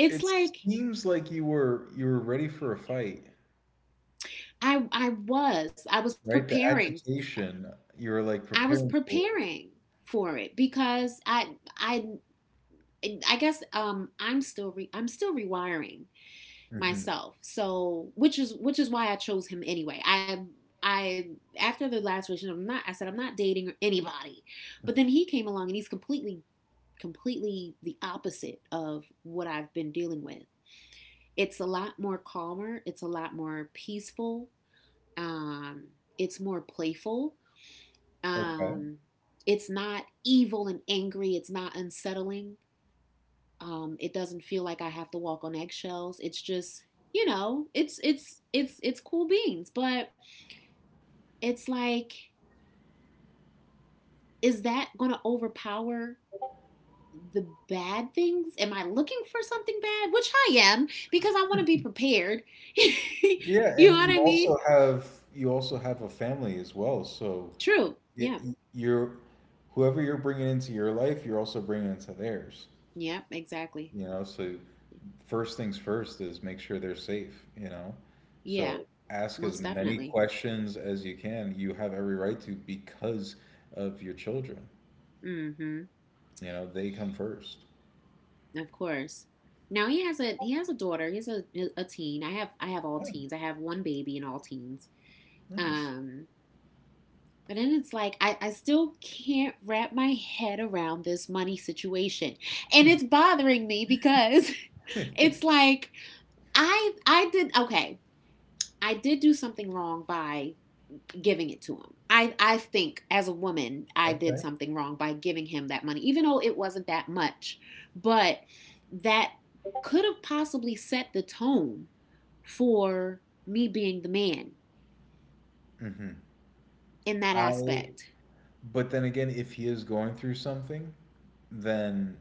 A: it's
B: It
A: like
B: seems like you were ready for a fight,
A: I was. I was
B: right? The
A: preparing.
B: agitation, you were like
A: I was
B: preparing for
A: preparing for it because I guess I'm still I'm still rewiring
B: it. Hmm.
A: myself. So which is why I chose him anyway. I after the last relationship, I'm not. I said I'm not dating anybody, but then he came along and he's completely the opposite of what I've been dealing with. It's a lot more calmer. It's a lot more peaceful. Um, it's more playful.
B: Okay.
A: Um, it's not evil and angry. It's not unsettling. It doesn't feel like I have to walk on eggshells. It's just, you know, it's cool beans. But it's like, is that gonna overpower the bad things? Am I looking for something bad? Which I am because I want to be prepared.
B: Yeah,
A: You know
B: and
A: what I mean?
B: you also have a family as well, so
A: True.
B: it,
A: Yeah.
B: you're whoever you're bringing into your life, you're also bringing into theirs.
A: Yeah. Exactly.
B: You know, so first things first is make sure they're safe. You know,
A: Yeah.
B: so ask as
A: Most
B: many
A: definitely.
B: questions as you can. You have every right to because of your children.
A: Mm hmm.
B: You know, they come first.
A: Of course. Now he has a daughter. He has a teen. I have all teens. I have one baby and all teens.
B: Nice.
A: Um, but then it's like I still can't wrap my head around this money situation, and it's bothering me because it's like I did okay. I did do something wrong by giving it to him. I think as a woman, I did
B: Okay.
A: something wrong by giving him that money, even though it wasn't that much. But that could have possibly set the tone for me being the man
B: Mhm.
A: in that
B: I
A: aspect.
B: but then again, if he is going through something, then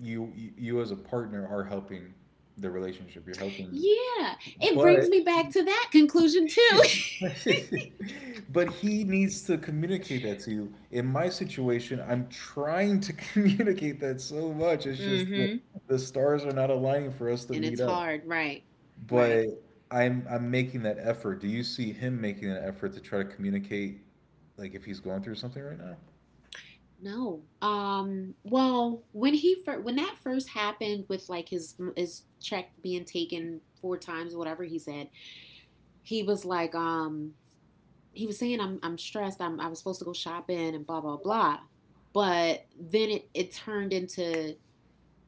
B: you as a partner are helping the relationship. You're helping,
A: Yeah, it
B: but
A: brings me back to that conclusion too.
B: but he needs to communicate that to you. In my situation, I'm trying to communicate that so much. It's just
A: Mm-hmm.
B: the stars are not aligning for us to
A: And
B: meet
A: it's
B: up.
A: hard, right? Right.
B: But I'm making that effort. Do you see him making an effort to try to communicate, like if he's going through something right now?
A: No. Well, when when that first happened with like his check being taken four times or whatever he said, he was like, he was saying I'm stressed. I'm I was supposed to go shopping and blah blah blah. But then it turned into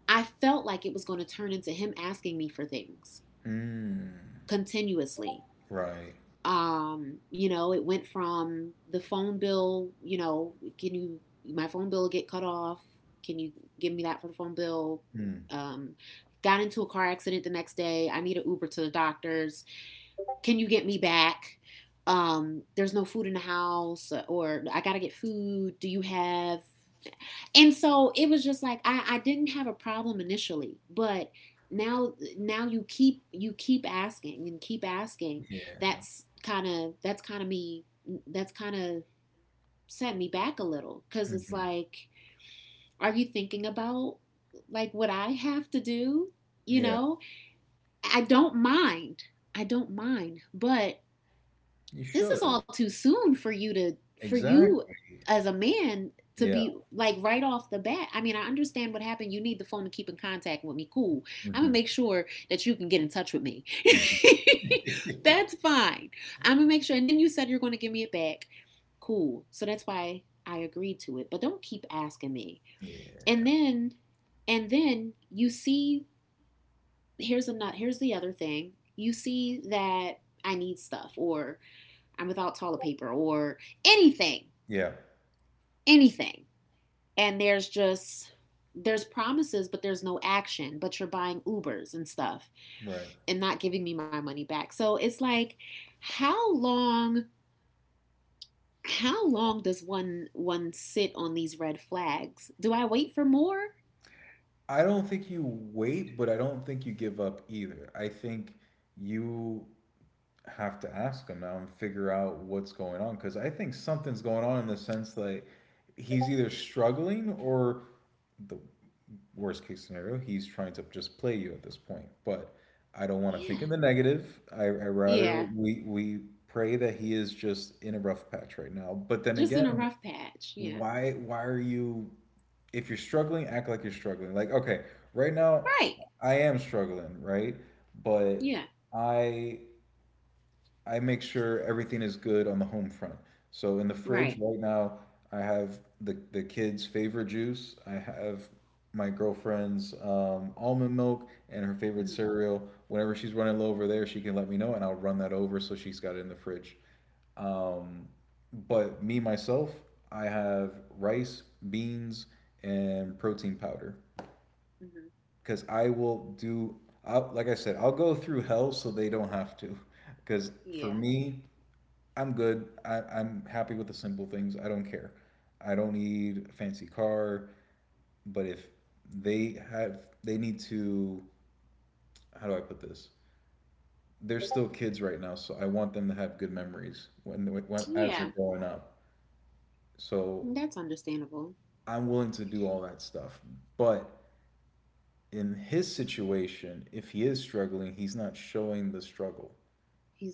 A: I felt like it was going to turn into him asking me for things
B: Mm,
A: continuously.
B: right.
A: You know, it went from the phone bill, you know, can you my phone bill get cut off? Can you give me that for the phone bill?
B: Mm,
A: Um, got into a car accident the next day. I need an Uber to the doctors can you get me back? There's no food in the house, or I gotta get food. Do you have? And so it was just like I didn't have a problem initially, but now you keep asking and keep asking.
B: yeah.
A: That's kind of me. That's kind of set me back a little because it's
B: Mhm.
A: like, are you thinking about like what I have to do? You
B: Yeah.
A: know, I don't mind. I don't mind, but
B: You
A: this is all
B: should.
A: too soon for you
B: Exactly.
A: as a man to
B: Yeah.
A: be like right off the bat. I mean, I understand what happened. You need the phone to keep in contact with me. Cool. I'm going to make
B: Mhm.
A: sure that you can get in touch with me.
B: Mhm.
A: That's fine. I'm going to make sure. And then you said you're going to give me it back. Cool. So that's why I agreed to it. But don't keep asking me. And
B: Yeah.
A: then, and then you see, here's a nut. Here's the other thing. You see that I need stuff or I'm without toilet paper or anything,
B: Yeah.
A: anything. And there's just there's promises but there's no action, but you're buying Ubers and stuff
B: Right.
A: and not giving me my money back. So it's like how long how long does one sit on these red flags? Do I wait for more?
B: I don't think you wait, but I don't think you give up either. I think you have to ask him now and figure out what's going on, because I think something's going on in the sense that he's either struggling or the worst case scenario he's trying to just play you at this point. But I don't want to
A: Yeah.
B: think in the negative. I rather
A: Yeah.
B: we pray that he is just in a rough patch right now. But
A: Just
B: then
A: in a rough
B: again,
A: patch. Yeah.
B: why are you if you're struggling, act like you're struggling. Like okay, right now
A: Right.
B: I am struggling, right? But
A: Yeah.
B: I I make sure everything is good on the home front. So in the
A: Right.
B: fridge right now, I have the kids' favorite juice. I have my girlfriend's almond milk and her favorite
A: Mm-hmm.
B: cereal. Whenever she's running low over there, she can let me know, and I'll run that over so she's got it in the fridge. Um, but me myself, I have rice, beans, and protein powder,
A: Mm-hmm.
B: because I will do. I'll, like I said, I'll go through hell so they don't have to. Because for
A: Yeah.
B: me, I'm good. I'm happy with the simple things. I don't care. I don't need a fancy car. But if they have, they need to. How do I put this? They're still kids right now, so I want them to have good memories when as they're
A: Yeah.
B: growing up. So
A: That's understandable.
B: I'm willing to do all that stuff. But in his situation, if he is struggling, he's not showing the struggle.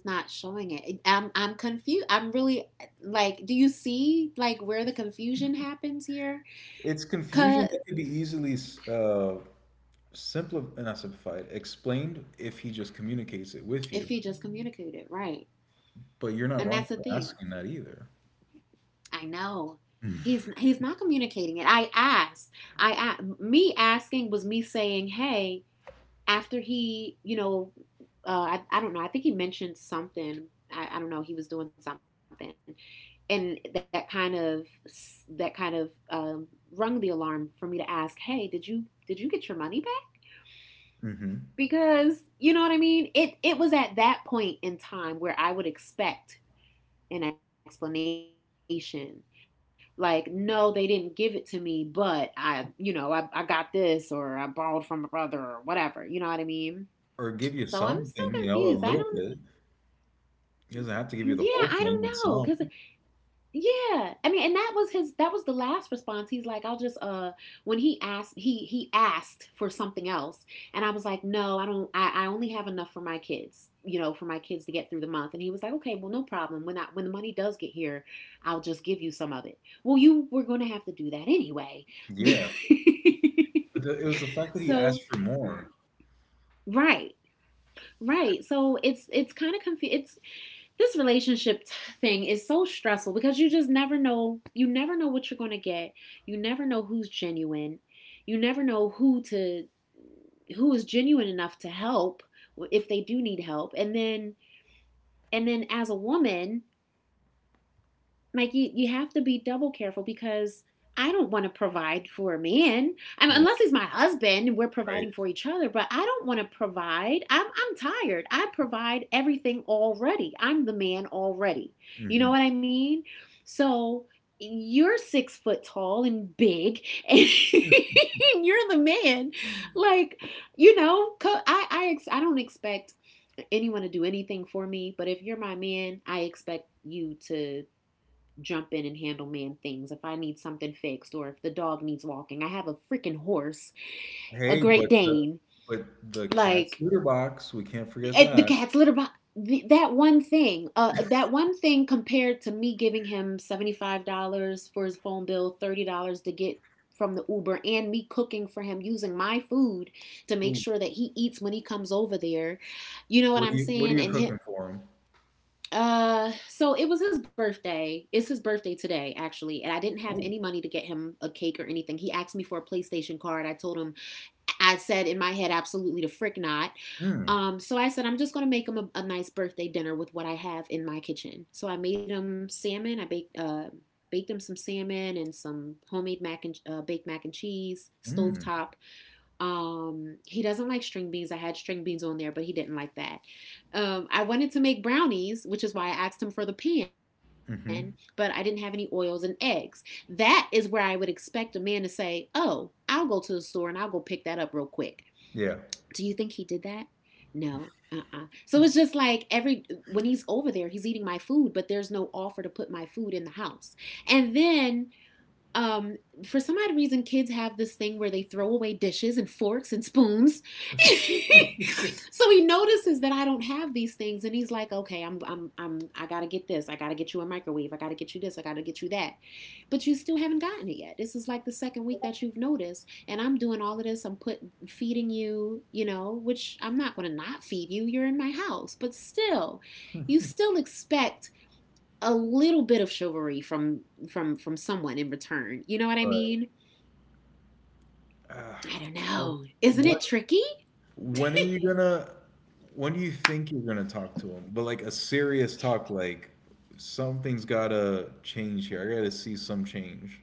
A: He's not showing it. I'm confused. I'm really like, do you see like where the confusion happens here?
B: It's confusion that
A: Cause
B: could be easily uh, simplified, not simplified, explained if he just communicates it with you.
A: if he just communicated, right?
B: But you're not wrong
A: And
B: for
A: that's the
B: asking that
A: thing.
B: either.
A: I know. He's not communicating it. I asked. I asked. Me asking was me saying, "Hey, after he, you know, I don't know. I think he mentioned something. I don't know. He was doing something, and that kind of rung the alarm for me to ask, "Hey, did you get your money back?"
B: Hmm.
A: Because you know what I mean. It was at that point in time where I would expect an explanation, like, "No, they didn't give it to me, but I, you know, I got this or I borrowed from my brother or whatever." You know what I mean? So I'm still
B: Or give you
A: confused. I don't.
B: something, you know, a little bit.
A: Yeah,
B: He doesn't have
A: I
B: to give you the
A: don't
B: whole
A: know
B: thing,
A: because
B: but some.
A: yeah. I mean, and that was the last response. He's like, I'll just when he asked for something else. And I was like, no, I don't I only have enough for my kids, you know, for my kids to get through the month. And he was like, okay, well no problem. When the money does get here, I'll just give you some of it. Well, you were gonna have to do that anyway.
B: Yeah. But the, it was the fact that he asked
A: So
B: for more.
A: right, right. So it's kind of confused. It's this relationship thing is so stressful because you just never know you never know what you're going to get you never know who's genuine you never know who is genuine enough to help if they do need help and then as a woman like you have to be double careful because I don't want to provide for a man. I mean,
B: Yeah.
A: unless he's my husband and we're
B: Right.
A: providing for each other, but I don't want to provide. I'm tired. I provide everything already. I'm the man already. You
B: Hmm.
A: know what I mean? So you're 6 foot tall and big and you're the man like you know I don't expect anyone to do anything for me but if you're my man I expect you to jump in and handle man things. If I need something fixed or if the dog needs walking, I have a freaking horse, a
B: Hey,
A: Great Dane,
B: but the cat's
A: like
B: litter box, we can't forget
A: the
B: that.
A: cat's litter box. That one thing compared to me giving him $75 for his phone bill, $30 to get from the Uber and me cooking for him using my food to make
B: Ooh,
A: sure that he eats when he comes over there. You know what
B: what do
A: I'm
B: you what are
A: saying?
B: you
A: And
B: cooking
A: him,
B: for him?
A: So it was his birthday. It's his birthday today, actually, and I didn't have any
B: Oh,
A: money to get him a cake or anything. He asked me for a PlayStation card. I told him, I said in my head, absolutely the frick not.
B: mm,
A: So I said, I'm just gonna make him a nice birthday dinner with what I have in my kitchen. So I made him salmon. I baked baked him some salmon and some homemade mac and baked mac and cheese,
B: mm,
A: stovetop he doesn't like string beans. I had string beans on there, but he didn't like that. I wanted to make brownies, which is why I asked him for the pan, but I didn't
B: hmm.
A: have any oils and eggs. That is where I would expect a man to say, oh, I'll go to the store and I'll go pick that up real quick. Do you
B: Yeah.
A: think he did that? No. Uh-uh. So it's just like every when he's over there, he's eating my food, but there's no offer to put my food in the house. And then um for some odd reason kids have this thing where they throw away dishes and forks and spoons so he notices that I don't have these things and he's like okay I'm I gotta get you a microwave I gotta get you this I gotta get you that but you still haven't gotten it yet this is like the second week that you've noticed and I'm doing all of this I'm put feeding you you know which I'm not gonna not feed you you're in my house but still you still expect a little bit of chivalry from someone in return. You know what I
B: Right.
A: mean?
B: Uh,
A: I don't
B: I,
A: know. Isn't
B: when
A: it tricky?
B: when are you gonna, when do you think you're gonna talk to him? But like a serious talk, like something's gotta change here. I gotta see some change.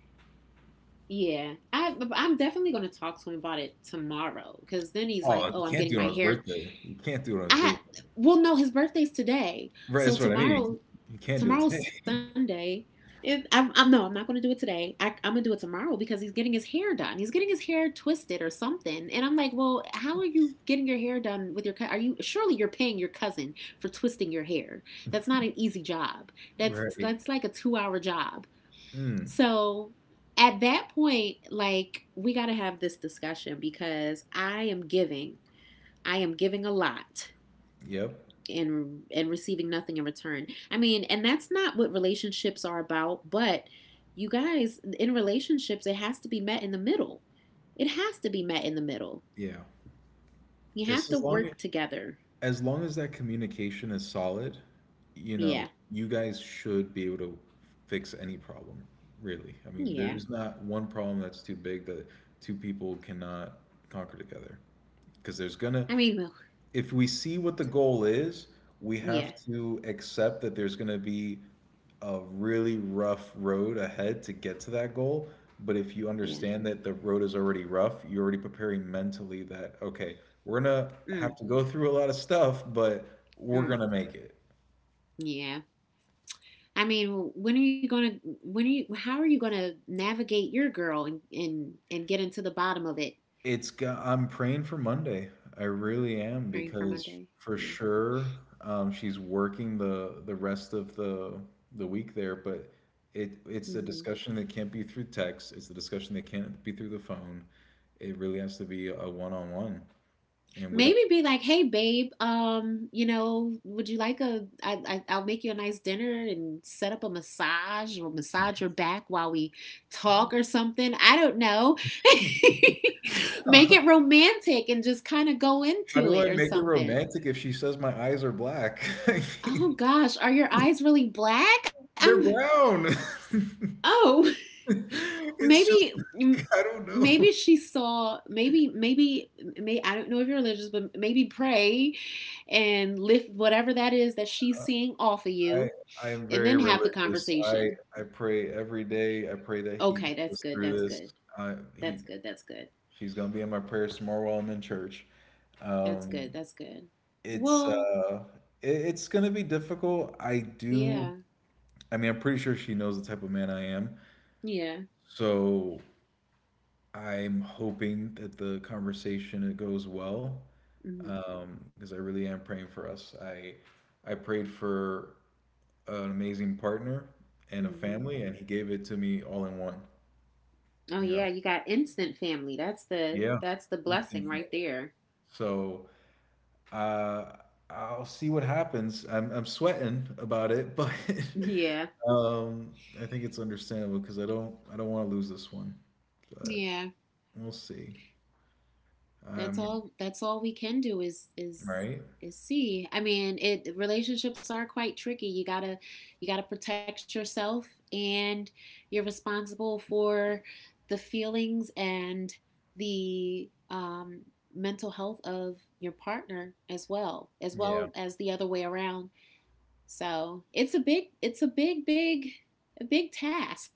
A: Yeah. I'm definitely going to talk to him about it tomorrow cuz then he's like,
B: Oh, you
A: "Oh, I'm
B: can't
A: getting
B: do it on
A: my
B: his
A: hair
B: birthday. You can't do it on his
A: I
B: birthday.
A: well no, his birthday's today.
B: Right, that's
A: So
B: what I mean. You,
A: tomorrow
B: you can't do it
A: Tomorrow's
B: today.
A: Sunday. It, I'm not going to do it today. I'm going to do it tomorrow because he's getting his hair done. He's getting his hair twisted or something. And I'm like, well, how are you getting your hair done with your? Are you surely you're paying your cousin for twisting your hair? That's not an easy job.
B: Right.
A: That's like a 2 hour job.
B: Mm.
A: So at that point, like we got to have this discussion because I am giving. I am giving a lot
B: Yep.
A: and receiving nothing in return. I mean, and that's not what relationships are about, but you guys in relationships it has to be met in the middle. It has to be met in the middle.
B: Yeah.
A: You have
B: It's
A: to
B: as long
A: work together.
B: as long as that communication is solid, you know,
A: Yeah.
B: you guys should be able to fix any problem, really. I mean,
A: Yeah.
B: there's not one problem that's too big that two people cannot conquer together. Because there's gonna
A: I mean, well,
B: if we see what the goal is, we
A: yeah.
B: have to accept that there's going to be a really rough road ahead to get to that goal. But if you
A: Yeah.
B: understand that the road is already rough, you're already preparing mentally that, okay, we're going to
A: Mm,
B: have to go through a lot of stuff, but we're
A: mm,
B: going to make it.
A: yeah. I mean, when are you how are you going to navigate your girl and get into the bottom of it?
B: It's go- I'm praying for Monday. I really am
A: Praying for
B: because
A: Monday.
B: for
A: Yeah.
B: sure she's working the rest of the week there, but it it's a
A: Mm-hmm.
B: discussion that can't be through text. It's a discussion that can't be through the phone. It really has to be a one-on-one, and we don't.
A: Maybe be like, "Hey, babe, you know, would you like a? I'll make you a nice dinner and set up a massage or massage your back while we talk or something. I don't know. Make it romantic and just kind of go
B: How
A: into
B: do
A: it
B: I
A: or
B: make it
A: something.
B: romantic if she says my eyes are black? I
A: Oh
B: mean,
A: gosh, are your eyes really black? I'm.
B: they're brown.
A: Oh,
B: It's just
A: maybe."
B: I don't
A: Maybe
B: know.
A: she saw. Maybe, maybe, may. I don't know if you're religious, but maybe pray and lift whatever that is that she's seeing off of
B: I
A: you
B: I am
A: and
B: very
A: then have the
B: religious.
A: conversation.
B: I pray every day. I pray that he
A: Okay,
B: gets
A: that's
B: us
A: good.
B: through
A: That's
B: this.
A: good.
B: I he
A: That's good. That's good.
B: she's gonna be in my prayers tomorrow while I'm in church.
A: That's
B: Um,
A: good. That's good.
B: it's
A: Well,
B: uh it's gonna be difficult. I do.
A: yeah.
B: I mean, I'm pretty sure she knows the type of man I am.
A: Yeah.
B: So I'm hoping that the conversation it goes well.
A: Mm-hmm.
B: Because I really am praying for us. I prayed for an amazing partner and a
A: Mm-hmm.
B: family, and he gave it to me all in one,
A: Oh
B: you know.
A: yeah, you got instant family. That's
B: Yeah.
A: the blessing right there.
B: So uh, I'll see what happens. I'm sweating about it, but
A: Yeah.
B: um, I think it's understandable because I don't want to lose this one, but
A: Yeah.
B: we'll see. Um,
A: That's all we can do
B: right?
A: is see. I mean, it relationships are quite tricky. You gotta protect yourself, and you're responsible for the feelings and the mental health of your partner as well
B: Yeah.
A: as the other way around. So it's a big, a big task.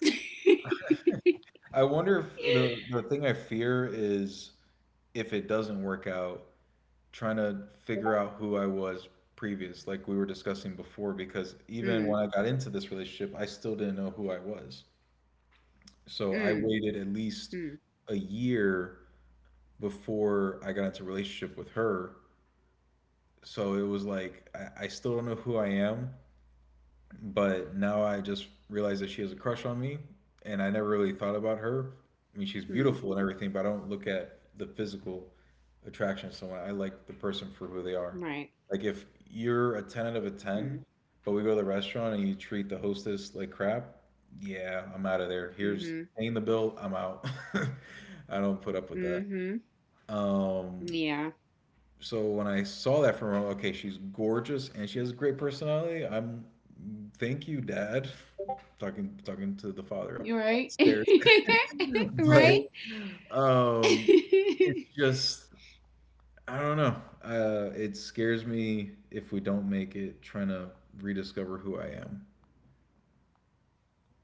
B: I wonder if the thing I fear is if it doesn't work out, trying to figure out who I was previous, like we were discussing before, because even when
A: mm,
B: I got into this relationship, I still didn't know who I was.
A: mm,
B: So I waited at
A: mm,
B: least a year before I got into a relationship with her. So it was like I still don't know who I am, but now I just realized that she has a crush on me, and I never really thought
A: mm,
B: about her. I mean, she's beautiful and everything, but I don't look at the physical attraction of someone. I like the
A: right.
B: person for who they are. Like if you're a
A: mm,
B: ten out of a ten, but we go to the restaurant and you treat the hostess like crap, yeah, I'm out of there.
A: mm-hmm.
B: Here's paying the bill. I'm out. I don't put up with that.
A: Mm-hmm.
B: Um,
A: Yeah,
B: so when I saw that from her, okay, she's gorgeous and she has a great personality. I'm thank you, Dad. Talking to the
A: you're
B: father up
A: right.
B: upstairs.
A: Right?
B: But um,
A: It
B: it's just I don't know. It scares me if we don't make it. Trying to rediscover who I am.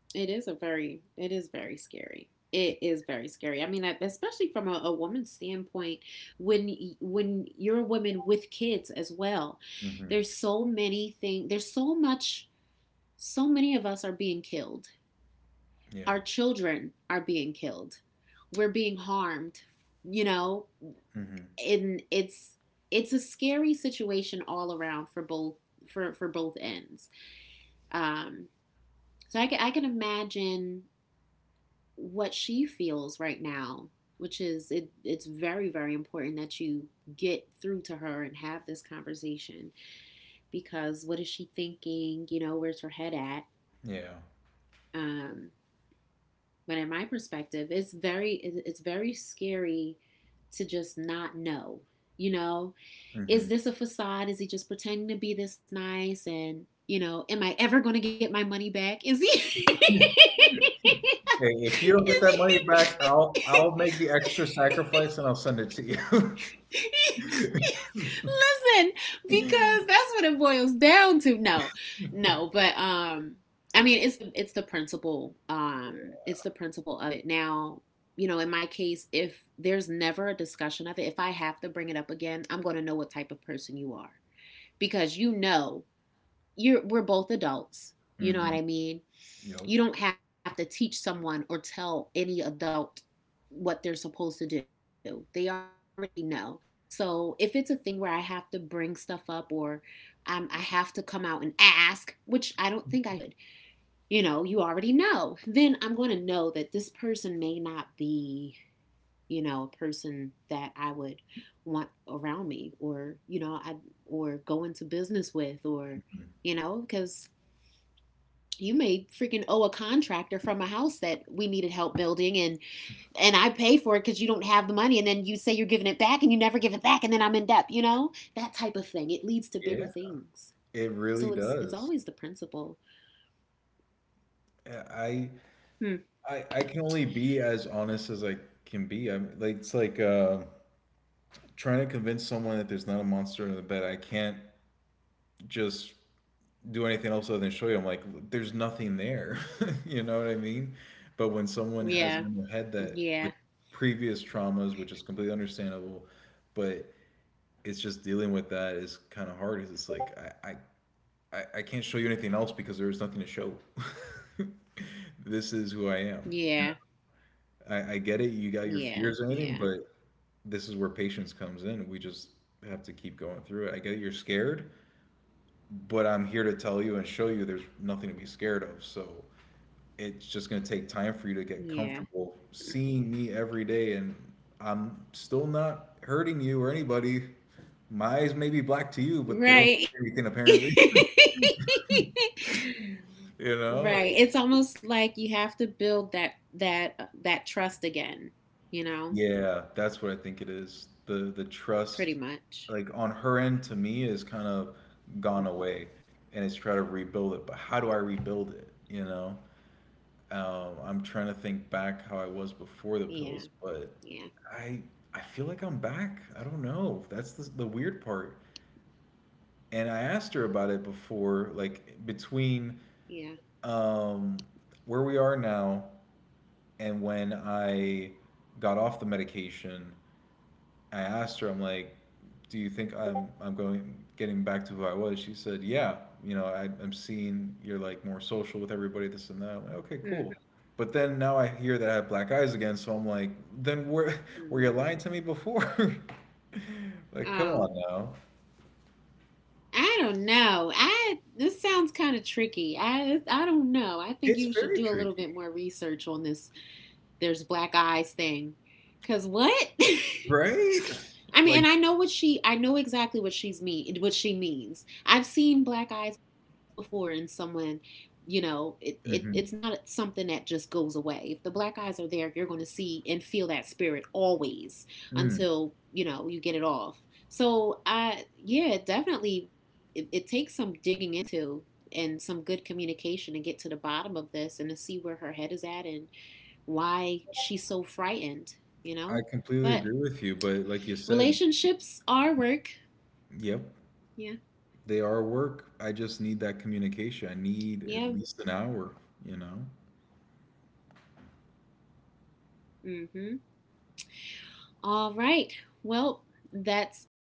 A: is a very, it is very scary. It is very scary. I mean, especially from a woman's standpoint, when when you're a woman with kids as well,
B: Hmm.
A: there's so many things. There's so much. So many of us are being killed.
B: Yeah.
A: Our children are being killed. We're being harmed. You know,
B: Hmm.
A: and it's a scary situation all around for both, for both ends. Um, so I can imagine what she feels right now, which is it's very, very important that you get through to her and have this conversation. Because what is she thinking? You know, where's her head at?
B: Yeah.
A: Um, but in my perspective, it's very scary to just not know, you know.
B: Hmm.
A: Is this a facade? Is he just pretending to be this nice? And, you know, am I ever going to get my money back? Is he.
B: Hey, if you don't get
A: is
B: that money back, I'll
A: he.
B: I'll make the extra sacrifice and I'll send it to you.
A: Listen, because that's what it boils down to. No, no, but, I mean, it's the principle. It's the principle of it. Now, you know, in my case, if there's never a discussion of it, if I have to bring it up again, I'm going to know what type of person you are, because you know you're we're both adults.
B: Hmm.
A: You know what I mean?
B: Yep.
A: You don't have to teach someone or tell any adult what they're supposed to do. They already know. So if it's a thing where I have to bring stuff up or I have to come out and ask, which I don't think I should, you know, you already know, then I'm going to know that this person may not be, you know, a person that I would want around me, or, you know, or go into business with, or, you know, because you may freaking owe a contractor from a house that we needed help building, and I pay for it because you don't have the money, and then you say you're giving it back and you never give it back, and then I'm in debt, you know? That type of thing. It leads to
B: Yeah,
A: bigger things.
B: it really
A: So it's
B: does.
A: always the principle.
B: Uh, I
A: Hmm.
B: I can only be as honest as I can be. I'm like it's like trying to convince someone that there's not a monster in the bed. I can't just do anything else other than show you. I'm like, there's nothing there. You know what I mean? But when someone has it in their
A: Yeah.
B: head that with
A: Yeah.
B: previous traumas, which is completely understandable, but it's just dealing with that is kind of hard. 'Cause it's like I can't show you anything else because there's nothing to show. This is who I am.
A: Yeah.
B: I get it. You got your fears and everything,
A: Yeah.
B: but
A: Yeah.
B: this is where patience comes in. We just have to keep going through it. I get you're scared, but I'm here to tell you and show you there's nothing to be scared of. So it's just going to take time for you to get comfortable
A: Yeah.
B: seeing me every day and I'm still not hurting you or anybody. My eyes may be black to you, but they don't mean anything
A: Right.
B: apparently. You know,
A: Right. It's almost like you have to build that trust again, you know?
B: yeah, that's what I think it is. The
A: Pretty
B: trust
A: much.
B: like on her end to me is kind of gone away and it's try to rebuild it. But how do I rebuild it? You know? I'm trying to think back how I
A: Yeah.
B: was before the
A: Yeah.
B: pills, but I I feel like I'm back. I don't know. That's the weird part. And I asked her about it before, like
A: Yeah.
B: between um where we are now and when I got off the medication, I asked her, I'm like, do you think I'm going getting back to who I was? She said, yeah. You know, I'm seeing you're like more social with everybody, this and that.
A: Mm.
B: I'm like, okay, cool. But then now I hear that I have black eyes again, so I'm like, then
A: Mm-hmm.
B: where were you lying to me before?
A: Oh,
B: Like, come on now.
A: I don't know. I This sounds kind of tricky. I don't know. I think you should
B: It's
A: do a little
B: very
A: bit more
B: tricky,
A: research on this. There's black eyes thing, cause what?
B: right?
A: I mean, and
B: Like,
A: I know exactly what what she means. I've seen black eyes before in someone, you know. It's not
B: mhm,
A: something that just goes away. If the black eyes are there, you're going to see and feel that spirit always until, you
B: mm,
A: know, you get it off. So, yeah, definitely it takes some digging into and some good communication to get to the bottom of this and to see where her head is at and why she's so frightened, you know?
B: I
A: But
B: completely agree with you, but like you said,
A: relationships are work.
B: yep,
A: Yeah.
B: they are work. I just need that communication. I
A: Yeah.
B: need at least an hour, you know?
A: Mm-hmm. All right. Well, that's all,